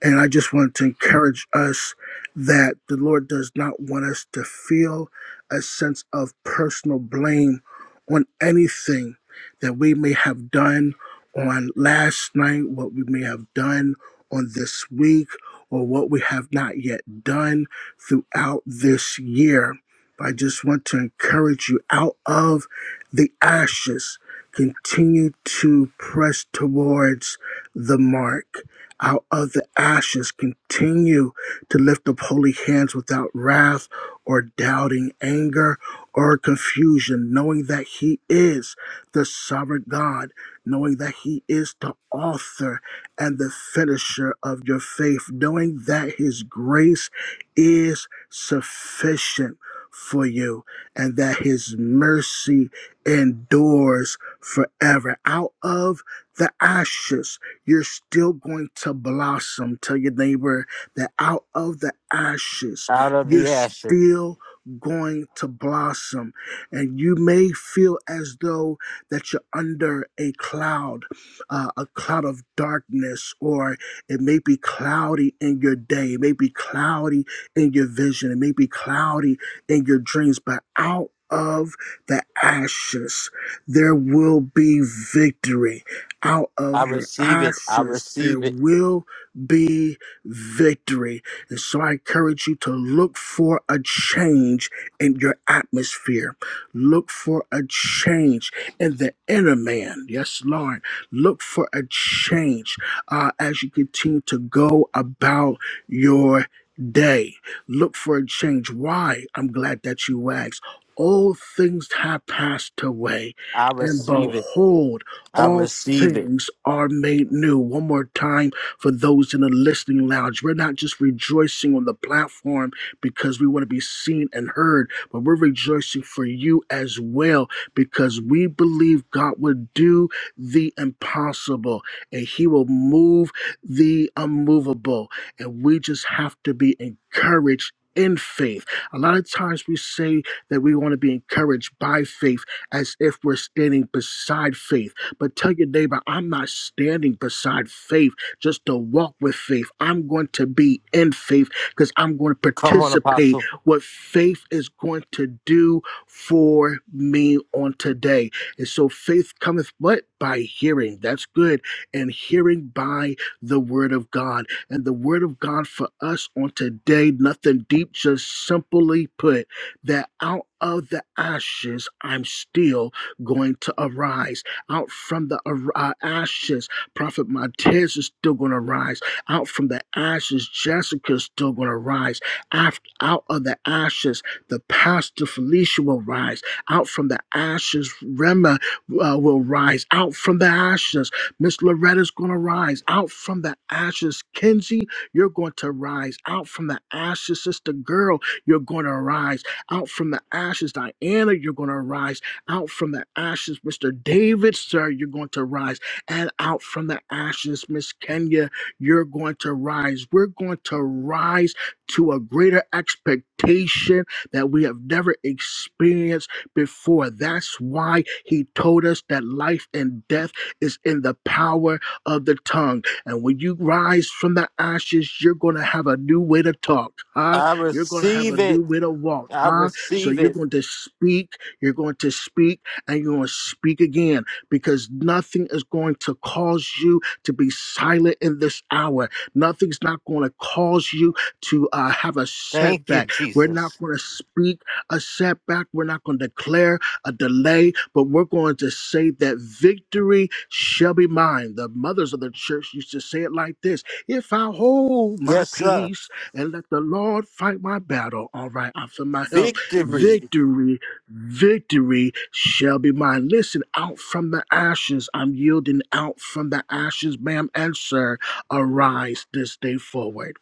Speaker 7: And I just want to encourage us that the Lord does not want us to feel a sense of personal blame on anything that we may have done on last night, what we may have done on this week, or what we have not yet done throughout this year. But I just want to encourage you out of the ashes, continue to press towards the mark out of the ashes continue to lift up holy hands without wrath or doubting anger or confusion knowing that he is the sovereign god knowing that he is the author and the finisher of your faith knowing that his grace is sufficient for you and that his mercy endures forever out of the ashes you're still going to blossom. Tell your neighbor that out of the ashes,
Speaker 1: out of
Speaker 7: you're
Speaker 1: the ashes.
Speaker 7: still going to blossom. And you may feel as though that you're under a cloud, uh, a cloud of darkness, or it may be cloudy in your day, it may be cloudy in your vision, it may be cloudy in your dreams, but out of the ashes, there will be victory out of
Speaker 1: I
Speaker 7: your
Speaker 1: receive it. I
Speaker 7: ashes there
Speaker 1: receive it.
Speaker 7: will be victory. And so I encourage you to look for a change in your atmosphere. Look for a change in the inner man. Yes, Lord. Look for a change uh, as you continue to go about your day. Look for a change. Why? I'm glad that you asked. All things have passed away,
Speaker 1: I
Speaker 7: and
Speaker 1: receive it.
Speaker 7: behold,
Speaker 1: I
Speaker 7: all
Speaker 1: receive it.
Speaker 7: things are made new. One more time for those in the listening lounge. We're not just rejoicing on the platform because we want to be seen and heard, but we're rejoicing for you as well because we believe God will do the impossible and He will move the unmovable. And we just have to be encouraged. In faith. A lot of times we say that we want to be encouraged by faith as if we're standing beside faith. But tell your neighbor, I'm not standing beside faith just to walk with faith. I'm going to be in faith because I'm going to
Speaker 1: Come on,
Speaker 7: participate
Speaker 1: Apostle.
Speaker 7: what faith is going to do for me on today. And so faith cometh what? By hearing. That's good. And hearing by the word of God. And the word of God for us on today, nothing deep, just simply put that out of the ashes, I'm still going to arise out from the uh, ashes, Prophet Montez is still going to rise. Out from the ashes, Jessica is still going to rise. After, out of the ashes, the pastor Felicia will rise. Out from the ashes, Rema uh, will rise. Out from the ashes, Miss Loretta's going to rise. Out from the ashes, Kenzie, you're going to rise. Out from the ashes, Sister Girl, you're going to rise. Out from the ashes, Diana, you're going to rise out from the ashes, Mr. David, sir, you're going to rise. And out from the ashes, Miss Kenya, you're going to rise. We're going to rise to a greater expectation that we have never experienced before. That's why he told us that life and death is in the power of the tongue. And when you rise from the ashes, you're going to have a new way to talk, huh?
Speaker 1: I
Speaker 7: You're going to have a
Speaker 1: receive it.
Speaker 7: new way to walk,
Speaker 1: I
Speaker 7: huh? So
Speaker 1: receive
Speaker 7: you're
Speaker 1: it.
Speaker 7: going to speak you're going to speak and you're going to speak again because nothing is going to cause you to be silent in this hour. Nothing's not going to cause you to uh, have a
Speaker 1: Thank you,
Speaker 7: setback. We're not
Speaker 1: Jesus.
Speaker 7: going to speak a setback. We're not going to declare a delay, but we're going to say that victory shall be mine. The mothers of the church used to say it like this If I hold my
Speaker 1: Yes, sir.
Speaker 7: peace and let the Lord fight my battle, all right, I feel my help.
Speaker 1: Victory.
Speaker 7: Victory Victory shall be mine. Listen, out from the ashes, I'm yielding out from the ashes, ma'am and sir. Arise this day forward.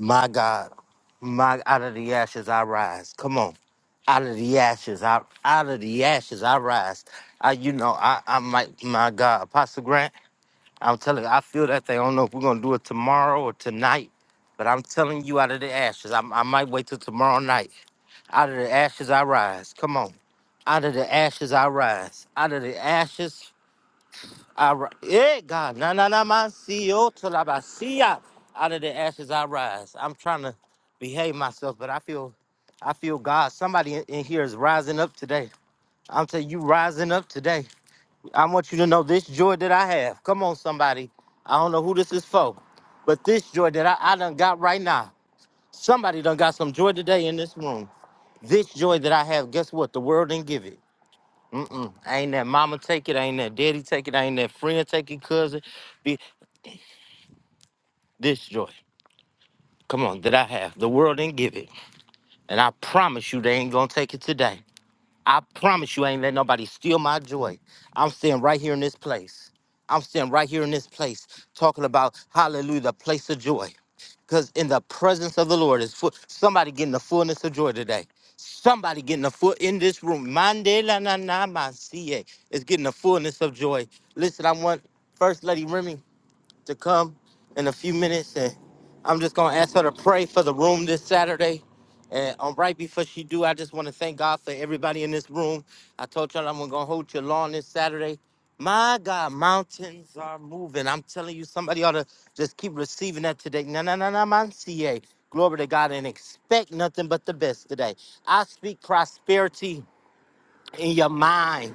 Speaker 1: My God. My out of the ashes I rise. Come on. Out of the ashes. I out of the ashes I rise. I you know, I I might my God. Apostle Grant. I'm telling you, I feel that thing. I don't know if we're gonna do it tomorrow or tonight, but I'm telling you, out of the ashes, I, I might wait till tomorrow night. Out of the ashes, I rise. Come on, out of the ashes, I rise. Out of the ashes, I rise. Yeah, God, na na na, man, see you till I ba- see ya. Out of the ashes, I rise. I'm trying to behave myself, but I feel, I feel God. Somebody in in here is rising up today. I'm telling you, rising up today. I want you to know this joy that I have. Come on, somebody. I don't know who this is for, but this joy that I, I done got right now. Somebody done got some joy today in this room. This joy that I have, guess what? The world didn't give it. Mm-mm. Ain't that mama take it, ain't that daddy take it, ain't that friend take it, cousin. Be this joy. Come on, that I have. The world didn't give it. And I promise you they ain't gonna take it today. I promise you, I ain't let nobody steal my joy. I'm sitting right here in this place. I'm sitting right here in this place talking about hallelujah, the place of joy. Because in the presence of the Lord is full, somebody getting the fullness of joy today. Somebody getting a foot in this room. Mande la na na ma siye is getting the fullness of joy. Listen, I want First Lady Remy to come in a few minutes, and I'm just gonna ask her to pray for the room this Saturday. And um, right before she do, I just want to thank God for everybody in this room. I told y'all I'm gonna hold your lawn this Saturday. My God, mountains are moving. I'm telling you, somebody ought to just keep receiving that today. No, no, no, no, man, CA. Glory to God and expect nothing but the best today. I speak prosperity in your mind.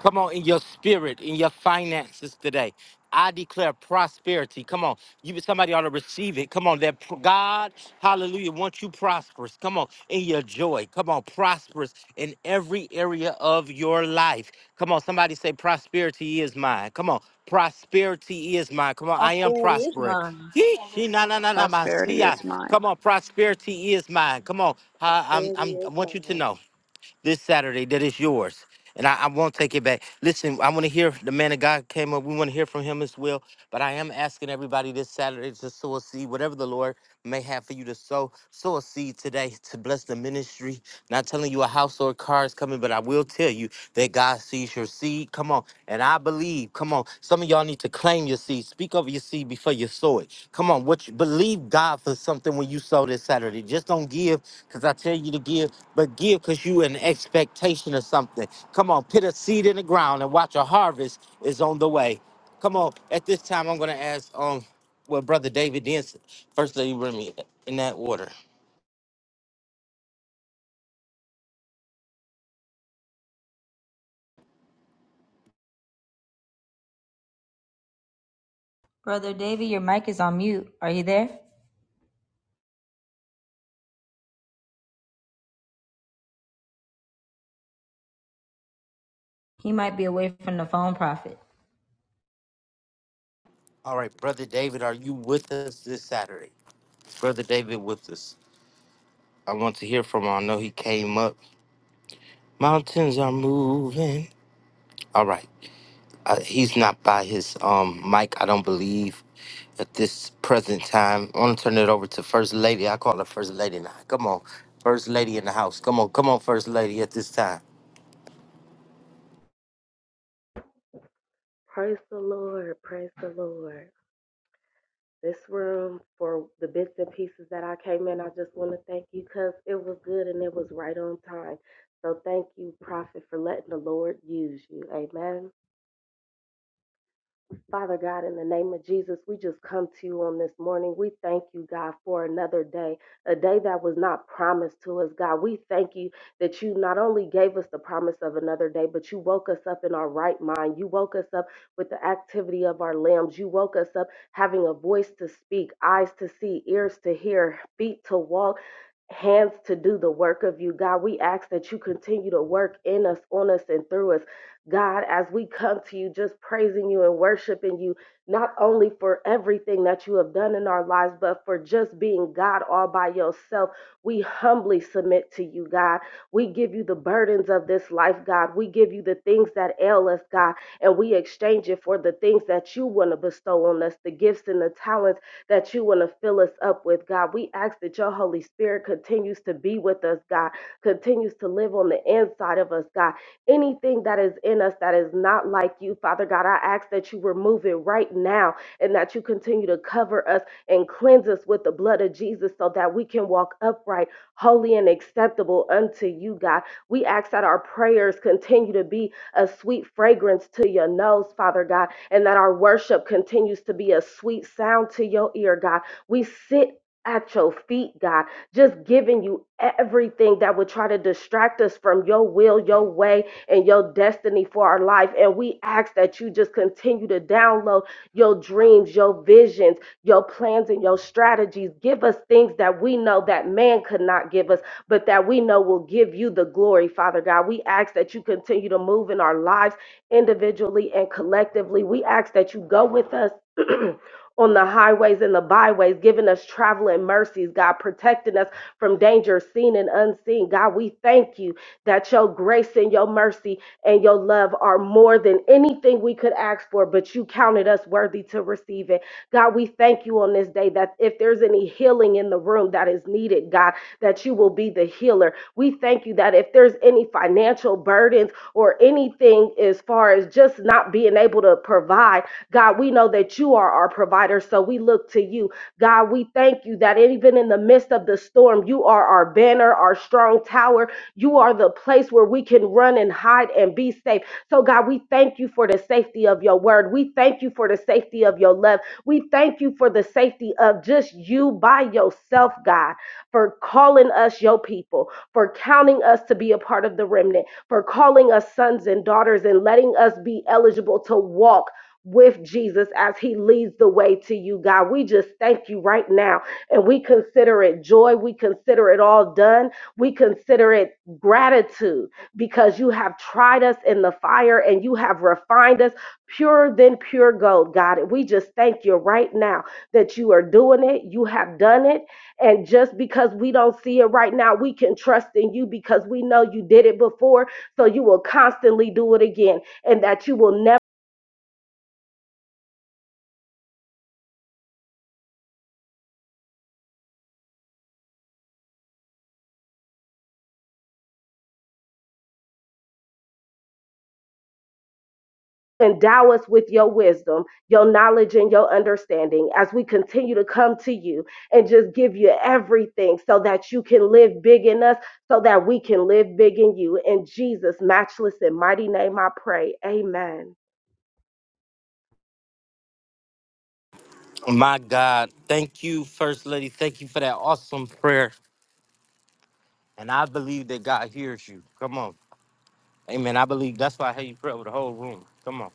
Speaker 1: Come on, in your spirit, in your finances today. I declare prosperity. Come on. You somebody ought to receive it. Come on. That pr- God, hallelujah, wants you prosperous. Come on. In your joy. Come on. Prosperous in every area of your life. Come on. Somebody say prosperity is mine. Come on. Prosperity is mine. Come on. I am
Speaker 2: Prosperity is
Speaker 1: prospering.
Speaker 2: mine.
Speaker 1: Yee, she na na na na my see
Speaker 5: Prosperity
Speaker 1: ya.
Speaker 5: is mine.
Speaker 1: Come on, prosperity is mine. Come on. Uh,
Speaker 8: There
Speaker 1: I'm,
Speaker 8: it
Speaker 1: I'm, I
Speaker 8: is, my
Speaker 1: want you to
Speaker 8: life.
Speaker 1: know this Saturday that is yours. And I, I won't take it back. Listen, I want to hear the man of God came up. We want to hear from him as well. But I am asking everybody this Saturday to sow a seed, whatever the Lord may have for you to sow. Sow a seed today to bless the ministry. Not telling you a house or a car is coming, but I will tell you that God sees your seed. Come on. And I believe, come on. Some of y'all need to claim your seed. Speak over your seed before you sow it. Come on. What you believe God for something when you sow this Saturday. Just don't give. Cause I tell you to give, but give cause you in expectation of something. Come on, put a seed in the ground and watch a harvest is on the way. Come on, at this time I'm gonna ask um well brother David Denson. First lady bring me in that order.
Speaker 2: Brother Davy, your mic is on mute. Are you there? He might be away from the phone, Prophet.
Speaker 1: All right, brother David, are you with us this Saturday? Brother David with us. I want to hear from him. I know he came up. Mountains are moving. All right. I, he's not by his um mic, I don't believe, at this present time. I want to turn it over to First Lady. I call her First Lady now. Come on, First Lady in the house. Come on, come on, First Lady at this time.
Speaker 8: Praise the Lord. Praise the Lord. This room for the bits and pieces that I came in, I just want to thank you because it was good and it was right on time. So thank you, Prophet, for letting the Lord use you. Amen. Father God, in the name of Jesus, we just come to you on this morning. We thank you, God, for another day, a day that was not promised to us, God. We thank you that you not only gave us the promise of another day, but you woke us up in our right mind. You woke us up with the activity of our limbs. You woke us up having a voice to speak, eyes to see, ears to hear, feet to walk. Hands to do the work of you, God. We ask that you continue to work in us, on us, and through us. God, as we come to you, just praising you and worshiping you, not only for everything that you have done in our lives, but for just being God all by yourself. We humbly submit to you, God. We give you the burdens of this life, God. We give you the things that ail us, God, and we exchange it for the things that you want to bestow on us, the gifts and the talents that you want to fill us up with, God. We ask that your Holy Spirit continues to be with us, God, continues to live on the inside of us, God anything that is in us that is not like you, Father God. I ask that you remove it right now and that you continue to cover us and cleanse us with the blood of Jesus so that we can walk upright, holy, and acceptable unto you, God. We ask that our prayers continue to be a sweet fragrance to your nose, Father God, and that our worship continues to be a sweet sound to your ear, God. We sit at your feet, God, just giving you everything that would try to distract us from your will, your way, and your destiny for our life. And we ask that you just continue to download your dreams, your visions, your plans, and your strategies. Give us things that we know that man could not give us, but that we know will give you the glory, Father God. We ask that you continue to move in our lives individually and collectively. We ask that you go with us. On the highways and the byways, giving us traveling mercies, God, protecting us from danger seen and unseen. God, we thank you that your grace and your mercy and your love are more than anything we could ask for, but you counted us worthy to receive it. God, we thank you on this day that if there's any healing in the room that is needed, God, that you will be the healer. We thank you that if there's any financial burdens or anything as far as just not being able to provide, God, we know that you are our provider, so we look to you. God, we thank you that even in the midst of the storm, you are our banner, our strong tower, you are the place where we can run and hide and be safe. So, God, we thank you for the safety of your word. We thank you for the safety of your love. We thank you for the safety of just you by yourself, God, for calling us your people, for counting us to be a part of the remnant, for calling us sons and daughters and letting us be eligible to walk. With Jesus as he leads the way to you, God. We just thank you right now and we consider it joy. We consider it all done we consider it gratitude because you have tried us in the fire and you have refined us purer than pure gold, God. And we just thank you right now that you are doing it. You have done it. And just because we don't see it right now, we can trust in you because we know you did it before. So you will constantly do it again and that you will never. Endow us with your wisdom, your knowledge, and your understanding as we continue to come to you and just give you everything so that you can live big in us, so that we can live big in you. In Jesus' matchless and mighty name, I pray. Amen.
Speaker 1: My God, thank you, First Lady. Thank you for that awesome prayer. And I believe that God hears you. Come on. Amen. I believe that's why I heard you pray over the whole room. Come on.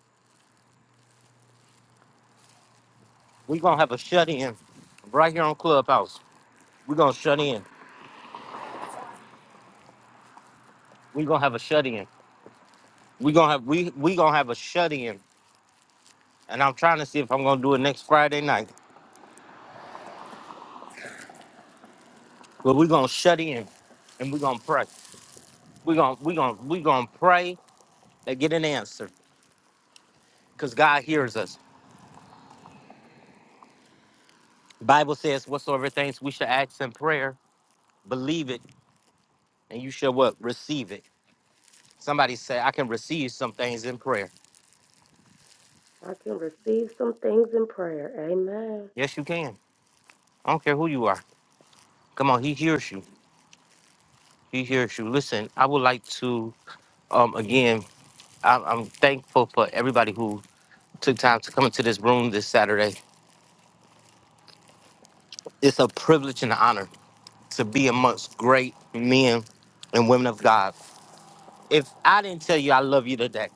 Speaker 1: We're going to have a shut in right here on Clubhouse. We're going to shut in. We're going to have a shut in. We're going to have we we going to have a shut in And I'm trying to see if I'm gonna do it next Friday night. But we're gonna shut in and we're gonna pray. We're gonna we're gonna we're gonna pray and get an answer. Because God hears us. Bible says whatsoever things we should ask in prayer, believe it, and you shall what? Receive it. Somebody say, I can receive some things in prayer.
Speaker 8: I can receive some things in prayer. Amen.
Speaker 1: Yes, you can. I don't care who you are. Come on, he hears you. He hears you. Listen, I would like to um again, I, I'm thankful for everybody who took time to come into this room this Saturday. It's a privilege and an honor to be amongst great men and women of God. If I didn't tell you I love you today,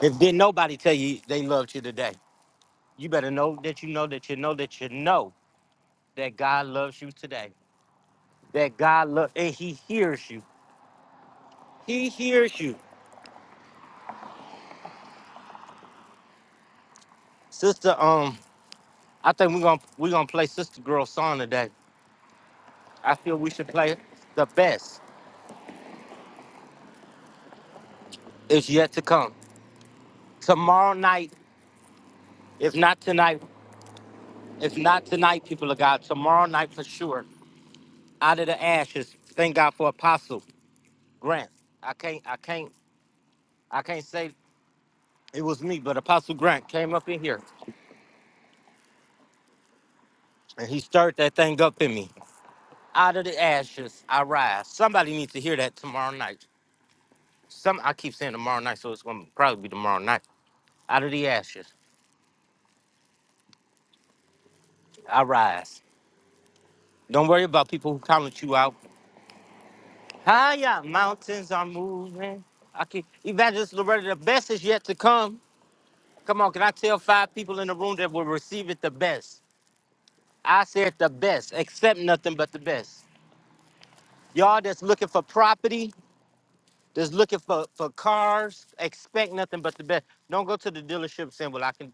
Speaker 1: if did nobody tell you they loved you today, you better know that you know that you know that you know that God loves you today. That God love and He hears you. He hears you, sister. Um, I think we're gonna we're gonna play Sister Girl song today. I feel we should play it. the best is yet to come. Tomorrow night, if not tonight, if not tonight, people of God, tomorrow night for sure out of the ashes. Thank God for Apostle Grant. I can't, I can't, I can't say it was me, but Apostle Grant came up in here and he stirred that thing up in me. Out of the ashes, I rise. Somebody needs to hear that tomorrow night. Some I keep saying tomorrow night, so it's gonna probably be tomorrow night. Out of the ashes, I rise. Don't worry about people who count you out. Higher mountains are moving. I keep Evangelist Loretta, the best is yet to come. Come on, can I tell five people in the room that will receive it the best? I said the best, accept nothing but the best. Y'all that's looking for property, that's looking for, for cars, expect nothing but the best. Don't go to the dealership saying, well, I can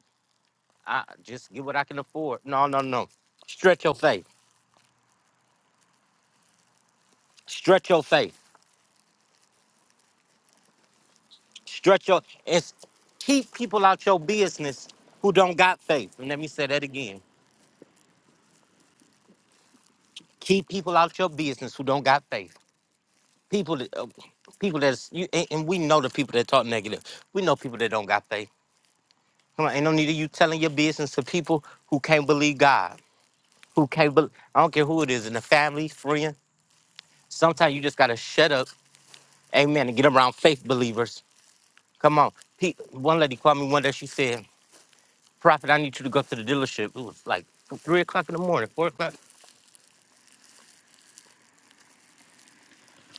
Speaker 1: I just get what I can afford. No, no, no. Stretch your faith. Stretch your faith. Stretch your it's keep people out your business who don't got faith. And let me say that again. Keep people out your business who don't got faith. People that uh, people that's you and, and we know the people that talk negative. We know people that don't got faith. Come on, ain't no need of you telling your business to people who can't believe God, who can't believe. I don't care who it is in the family, friend. Sometimes you just gotta shut up, amen, and get around faith believers. Come on, Pe- one lady called me one day. She said, "Prophet, I need you to go to the dealership." It was like three o'clock in the morning, four o'clock.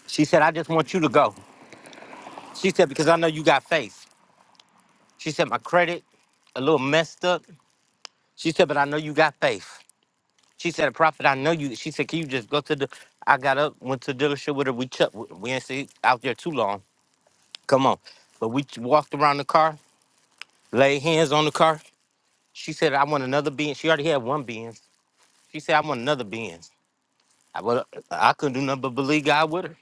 Speaker 1: She said, "I just want you to go." She said, "Because I know you got faith." She said, "My credit a little messed up." She said, "But I know you got faith." She said, "Prophet, I know you." She said, "Can you just go to the?" I got up, went to the dealership with her. We ch- we ain't stay out there too long. Come on, but we ch- walked around the car, laid hands on the car. She said, "I want another Benz." She already had one Benz. She said, "I want another Benz." I well, I couldn't do nothing but believe God with her.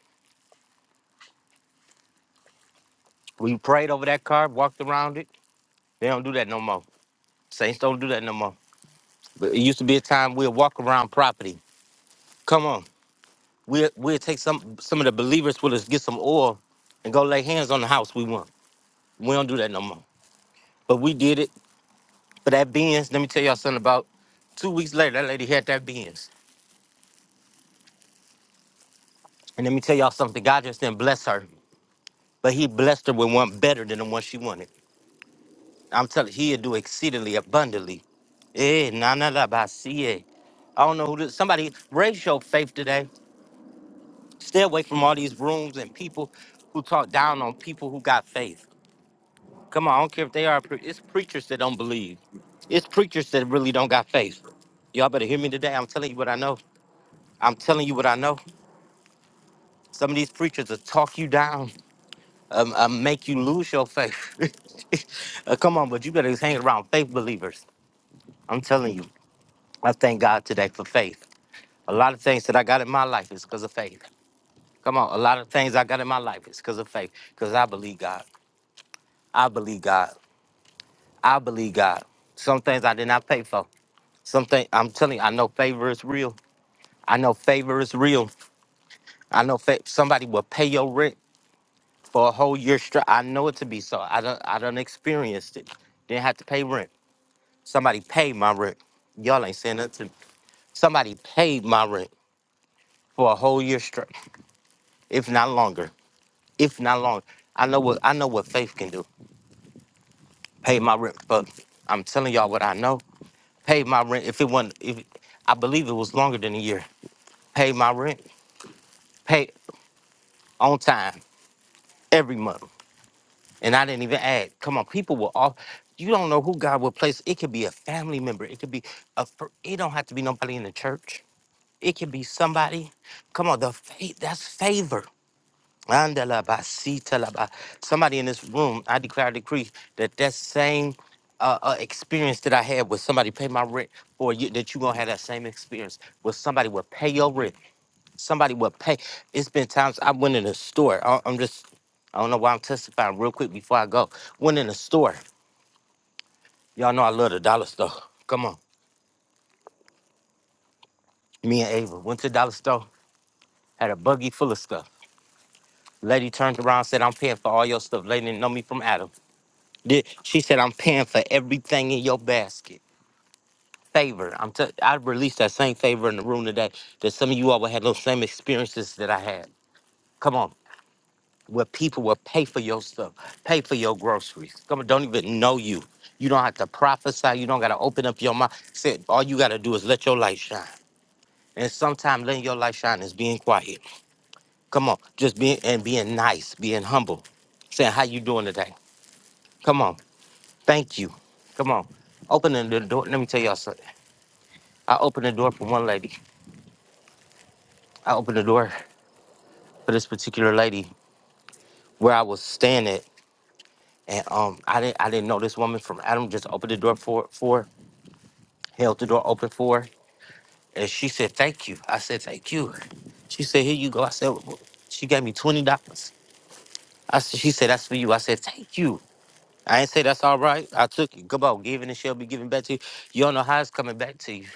Speaker 1: We prayed over that car, walked around it. They don't do that no more. Saints don't do that no more. But it used to be a time we'd walk around property. Come on, we we'll we'll take some some of the believers with us, get some oil, and go lay hands on the house we want. We don't do that no more. But we did it for that Benz. Let me tell y'all something about two weeks later, that lady had that Benz. And let me tell y'all something. God just didn't bless her, but he blessed her with one better than the one she wanted. I'm telling you, he'll do exceedingly abundantly. Eh, nah, nah, nah, but I see it. I don't know who this, somebody raise your faith today. Stay away from all these rooms and people who talk down on people who got faith. Come on, I don't care if they are, pre- it's preachers that don't believe. It's preachers that really don't got faith. Y'all better hear me today. I'm telling you what I know. I'm telling you what I know. Some of these preachers will talk you down, um, uh, make you lose your faith. Uh, come on, but you better hang around faith believers. I'm telling you, I thank God today for faith. A lot of things that I got in my life is because of faith. Come on, a lot of things I got in my life is because of faith, because I believe God. I believe God. I believe God. Some things I did not pay for. Something I'm telling you, I know favor is real. I know favor is real. I know fa- somebody will pay your rent for a whole year straight. I know it to be so. I don't I don't experienced it. Didn't have to pay rent. Somebody paid my rent. Y'all ain't saying nothing to me. Somebody paid my rent for a whole year straight, if not longer. If not longer. I know what I know what faith can do. Pay my rent. But I'm telling y'all what I know. Paid my rent. If it wasn't if I believe it was longer than a year. Paid my rent. Paid on time. Every month. And I didn't even ask. Come on, people will all. You don't know who God will place. It could be a family member. It could be a. fr- It don't have to be nobody in the church. It could be somebody. Come on, the faith. That's favor. Andalabasitalaba. Somebody in this room, I declare a decree that that same uh, uh, experience that I had with somebody pay my rent, or you, that you gonna have that same experience with somebody will pay your rent somebody would pay. It's been times I went in a store. I, I'm just, I don't know why I'm testifying real quick before I go. Went in a store. Y'all know I love the dollar store. Come on. Me and Ava went to the dollar store, had a buggy full of stuff. Lady turned around, said, I'm paying for all your stuff. Lady didn't know me from Adam. Did, she said, I'm paying for everything in your basket. Favor. I'm t- I released that same favor in the room today that some of you all would have those same experiences that I had. Come on. where people will pay for your stuff, pay for your groceries. Come on, don't even know you. You don't have to prophesy. You don't got to open up your mouth. Said all you got to do is let your light shine. And sometimes letting your light shine is being quiet. Come on, just being and being nice, being humble, saying how you doing today. Come on, thank you. Come on, opening the door. Let me tell y'all something. I opened the door for one lady. I opened the door for this particular lady where I was standing, and um, I didn't I didn't know this woman from Adam. Just opened the door for for. her held the door open for her, and she said, "Thank you." I said, "Thank you." She said, "Here you go." I said, "Wh- wh-" "She gave me twenty dollars." I said, "She said that's for you." I said, "Thank you." I ain't say that's all right. I took it. Come on, giving and she'll be giving back to you. You don't know how it's coming back to you.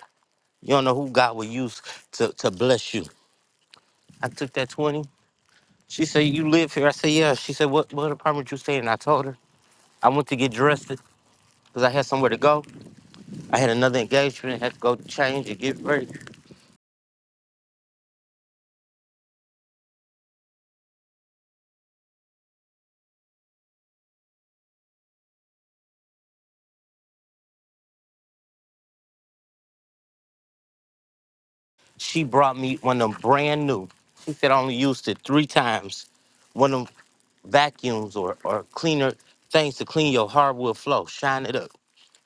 Speaker 1: You don't know who God will use to, to bless you. I took that twenty. She said, "You live here?" I said, "Yeah." She said, "What what apartment you stay in?" I told her. I went to get dressed because I had somewhere to go. I had another engagement. had to go change and get ready. She brought me one of them brand new. She said I only used it three times. One of them vacuums or, or cleaner things to clean your hardwood floor. Shine it up.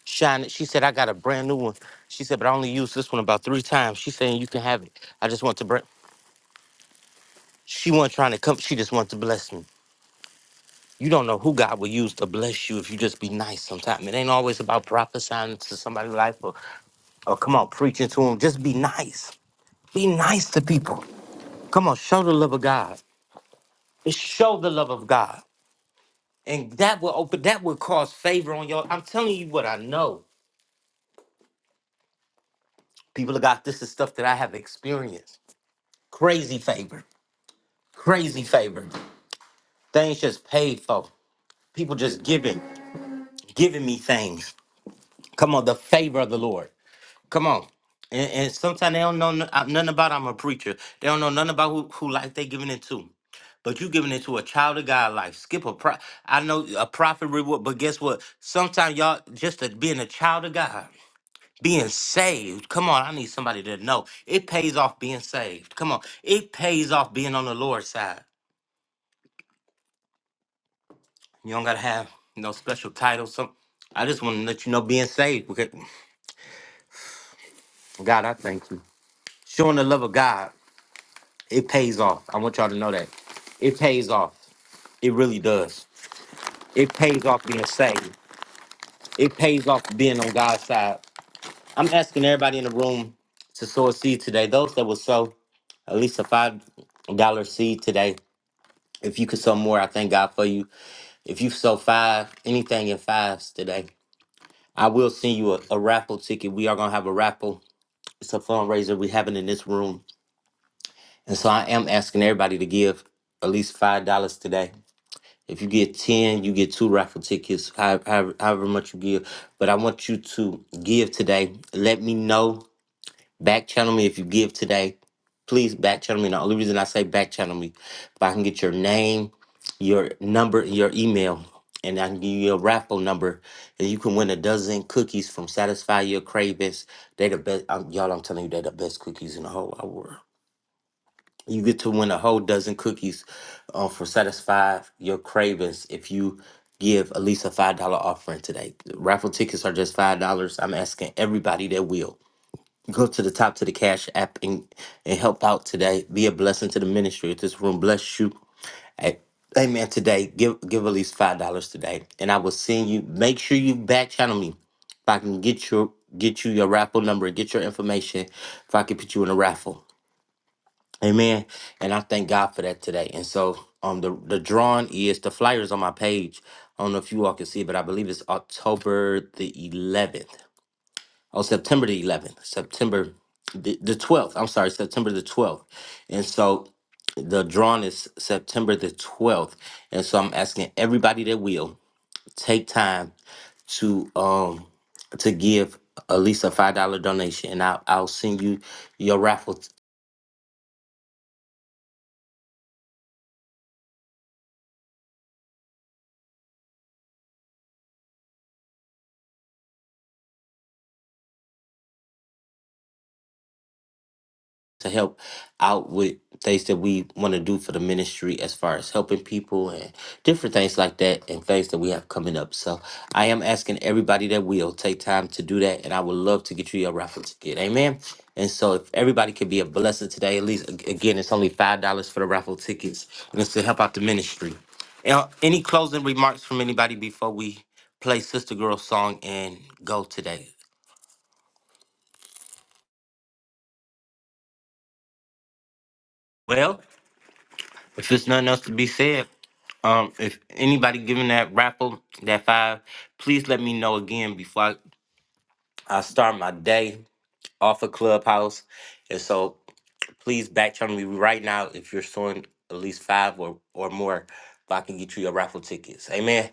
Speaker 1: Shine it. She said I got a brand new one. She said, but I only used this one about three times. She saying you can have it. I just want to bring. She wasn't trying to come. She just wanted to bless me. You don't know who God will use to bless you if you just be nice sometimes. It ain't always about prophesying to somebody's life or, or come on, preaching to them. Just be nice. Be nice to people. Come on, show the love of God. show the love of God. And that will open that will cause favor on your. I'm telling you what I know. People of God, this is stuff that I have experienced. Crazy favor. Crazy favor. Things just paid for. People just giving, giving me things. Come on, the favor of the Lord. Come on. And, and sometimes they don't know n- uh, nothing about I'm a preacher. They don't know nothing about who, who life they giving it to. But you giving it to a child of God life. Skip a pro I know a prophet reward, but guess what? Sometimes y'all just a, being a child of God. Being saved. Come on, I need somebody to know. It pays off being saved. Come on. It pays off being on the Lord's side. You don't gotta have no special title. Some I just want to let you know being saved. Because God, I thank you. Showing the love of God, it pays off. I want y'all to know that. It pays off. It really does. It pays off being saved. It pays off being on God's side. I'm asking everybody in the room to sow a seed today. Those that will sow at least a five dollar seed today If you could sell more, I thank God for you. If you sell five, anything in fives today, I will send you a, a raffle ticket. We are gonna have a raffle. It's a fundraiser we're having in this room. And so I am asking everybody to give at least five dollars today. If you get 10, you get two raffle tickets, however, however much you give. But I want you to give today. Let me know Back channel me if you give today. Please back channel me. The only reason I say back channel me, if I can get your name, your number, and your email, and I can give you a raffle number, and you can win a dozen cookies from Satisfy Your Cravings. They the best, I'm, y'all. I'm telling you, they're the best cookies in the whole wide world. You get to win a whole dozen cookies uh, for Satisfy Your Cravings if you give at least a five dollar offering today. Raffle tickets are just five dollars. I'm asking everybody that will. Go to the top to the Cash app and, and help out today. Be a blessing to the ministry. If this room bless you, hey, amen. Today, give give at least five dollars today, and I will send you. Make sure you back channel me. If I can get your get you your raffle number, get your information. If I can put you in a raffle, amen. And I thank God for that today. And so, um, the the drawing is the flyers on my page. I don't know if you all can see, but I believe it's October the 11th on September the 11th, September the, the 12th. I'm sorry, September the 12th. And so the drawing is September the 12th. And so I'm asking everybody that will take time to um to give at least a five dollar donation, and I'll I'll send you your raffle to help out with things that we want to do for the ministry as far as helping people and different things like that and things that we have coming up. So I am asking everybody that will take time to do that and I would love to get you your raffle ticket. Amen. And so if everybody could be a blessing today, at least ag- again, it's only five dollars for the raffle tickets and it's to help out the ministry. Now, Any closing remarks from anybody before we play Sister Girl song and go today? Well, if there's nothing else to be said, Um, if anybody giving that raffle that five, please let me know again before I, I start my day off of Clubhouse. And so please back channel me right now if you're showing at least five or, or more if I can get you your raffle tickets. Amen.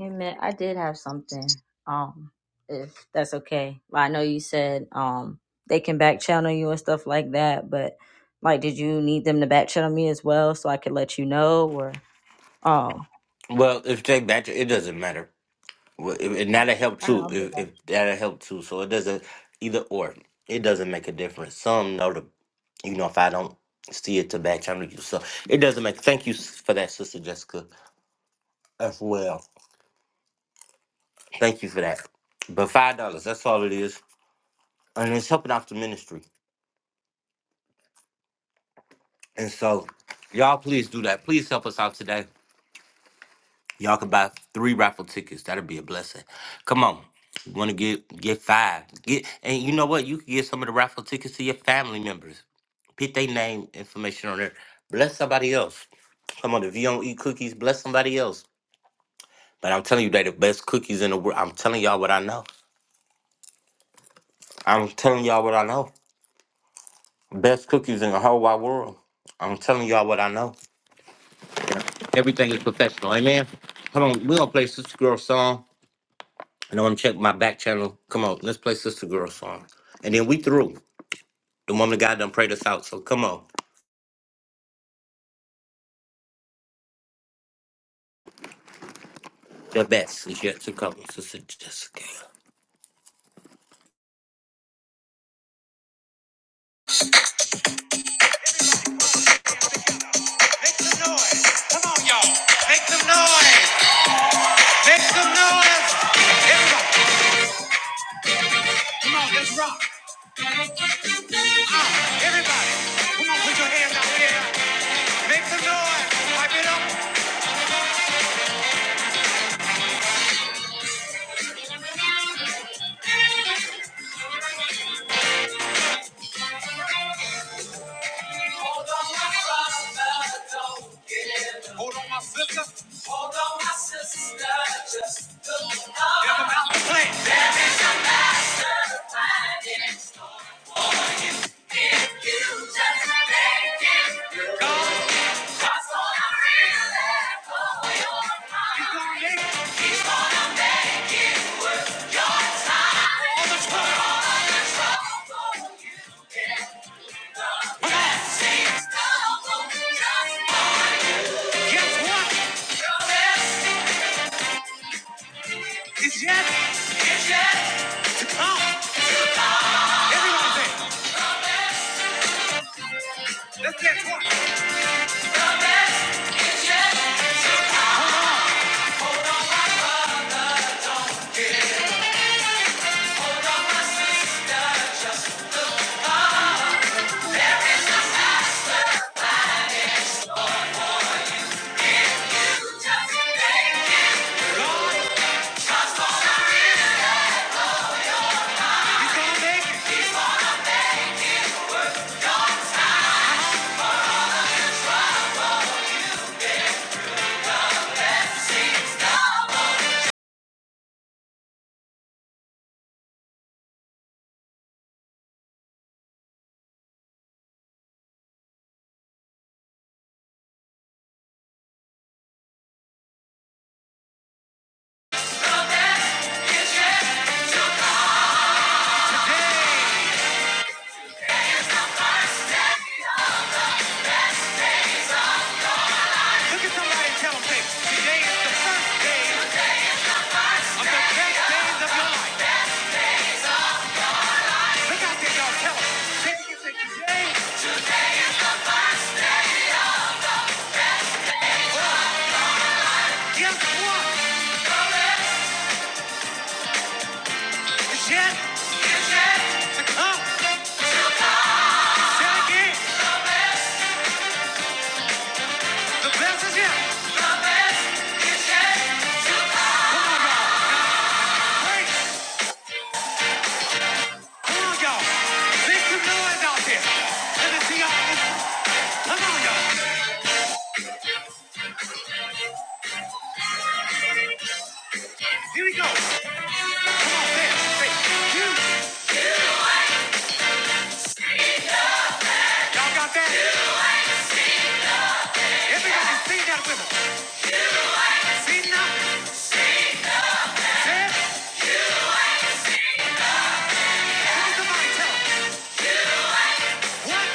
Speaker 2: Amen. I did have something. Um, if that's okay. Well, I know you said um they can back channel you and stuff like that, but like, did you need them to back channel me as well so I could let you know or oh?
Speaker 1: Well, if they batch it doesn't matter. Well, if, and that'll help
Speaker 2: I don't know.
Speaker 1: too.
Speaker 2: I'm just
Speaker 1: If,
Speaker 2: like-
Speaker 1: if that'll help too. So it doesn't either or. It doesn't make a difference. Some know the you know if I don't see it to back channel you. So it doesn't make thank you s- for that, Sister Jessica. as well. Thank you for that. But five dollars, that's all it is. And it's helping out the ministry. And so y'all please do that. Please help us out today. Y'all can buy three raffle tickets. That'll be a blessing. Come on. You wanna get get five. Get and you know what? You can get some of the raffle tickets to your family members. Put their name information on there. Bless somebody else. Come on, if you don't eat cookies, bless somebody else. But I'm telling you, they the best cookies in the world. I'm telling y'all what I know. I'm telling y'all what I know. Best cookies in the whole wide world. I'm telling y'all what I know. Everything is professional. Amen. Come on, we're gonna play Sister Girl song. And I'm gonna check my back channel. Come on, let's play Sister Girl song. And then we through. The woman of God done prayed us out. So come on. The best is yet to come, Sister Jessica.
Speaker 2: Make some noise. Come on, y'all. Make some noise. Make some noise. Everybody, come on, let's rock. Ah, everybody, come on, put your hands out there. Make some noise. Pipe it up. Hold on, rock it, rock it, rock it, don't give up. Hold on, my sister, just look up. Everybody play. There is a master planning in store for you. If you just make it through. Go. God's gonna really blow your mind. You gonna make it. He's gonna make it worth your time. All the trouble. All the trouble you get. The blessings double just for Look at somebody and tell them, say, today is the first day of the best days of your life. Look out there, y'all. Tell them. Say, say, today, guess what? It's yet. It's yet. To come. Say it again. The best is yet. Come on, y'all. Break. Come on, y'all. Make some noise out there. Let us see y'all. Come on, y'all. Here we go. Come on, say it. Say, you. Y'all got that? Everybody sing that with us. See that? Say it. Look at somebody and tell them. What?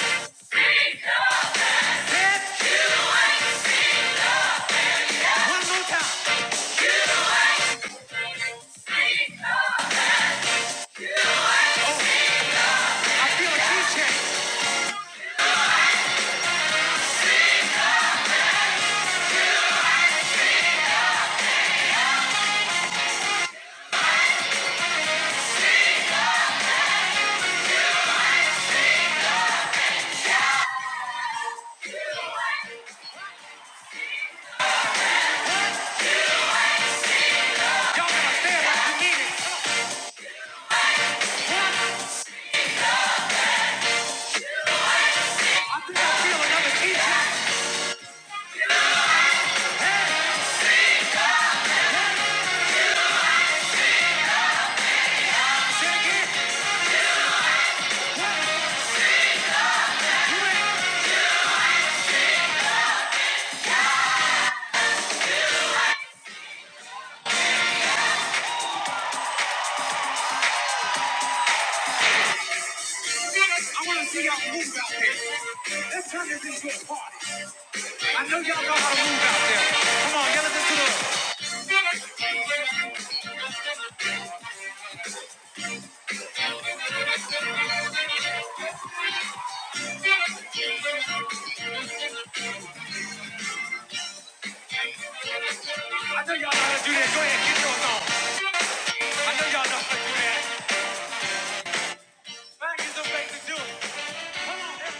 Speaker 2: Say it. One more time. I feel a key Y'all gotta feel like you mean it. I feel another key change. Say again. I wanna see y'all move out there. Let's turn this into a party. I know y'all know how to move out there. Come on, yell it into the I know y'all know how to do that. Go ahead, get yours on. I know y'all know how to do that. Mac is the way to do it. Come on, everybody.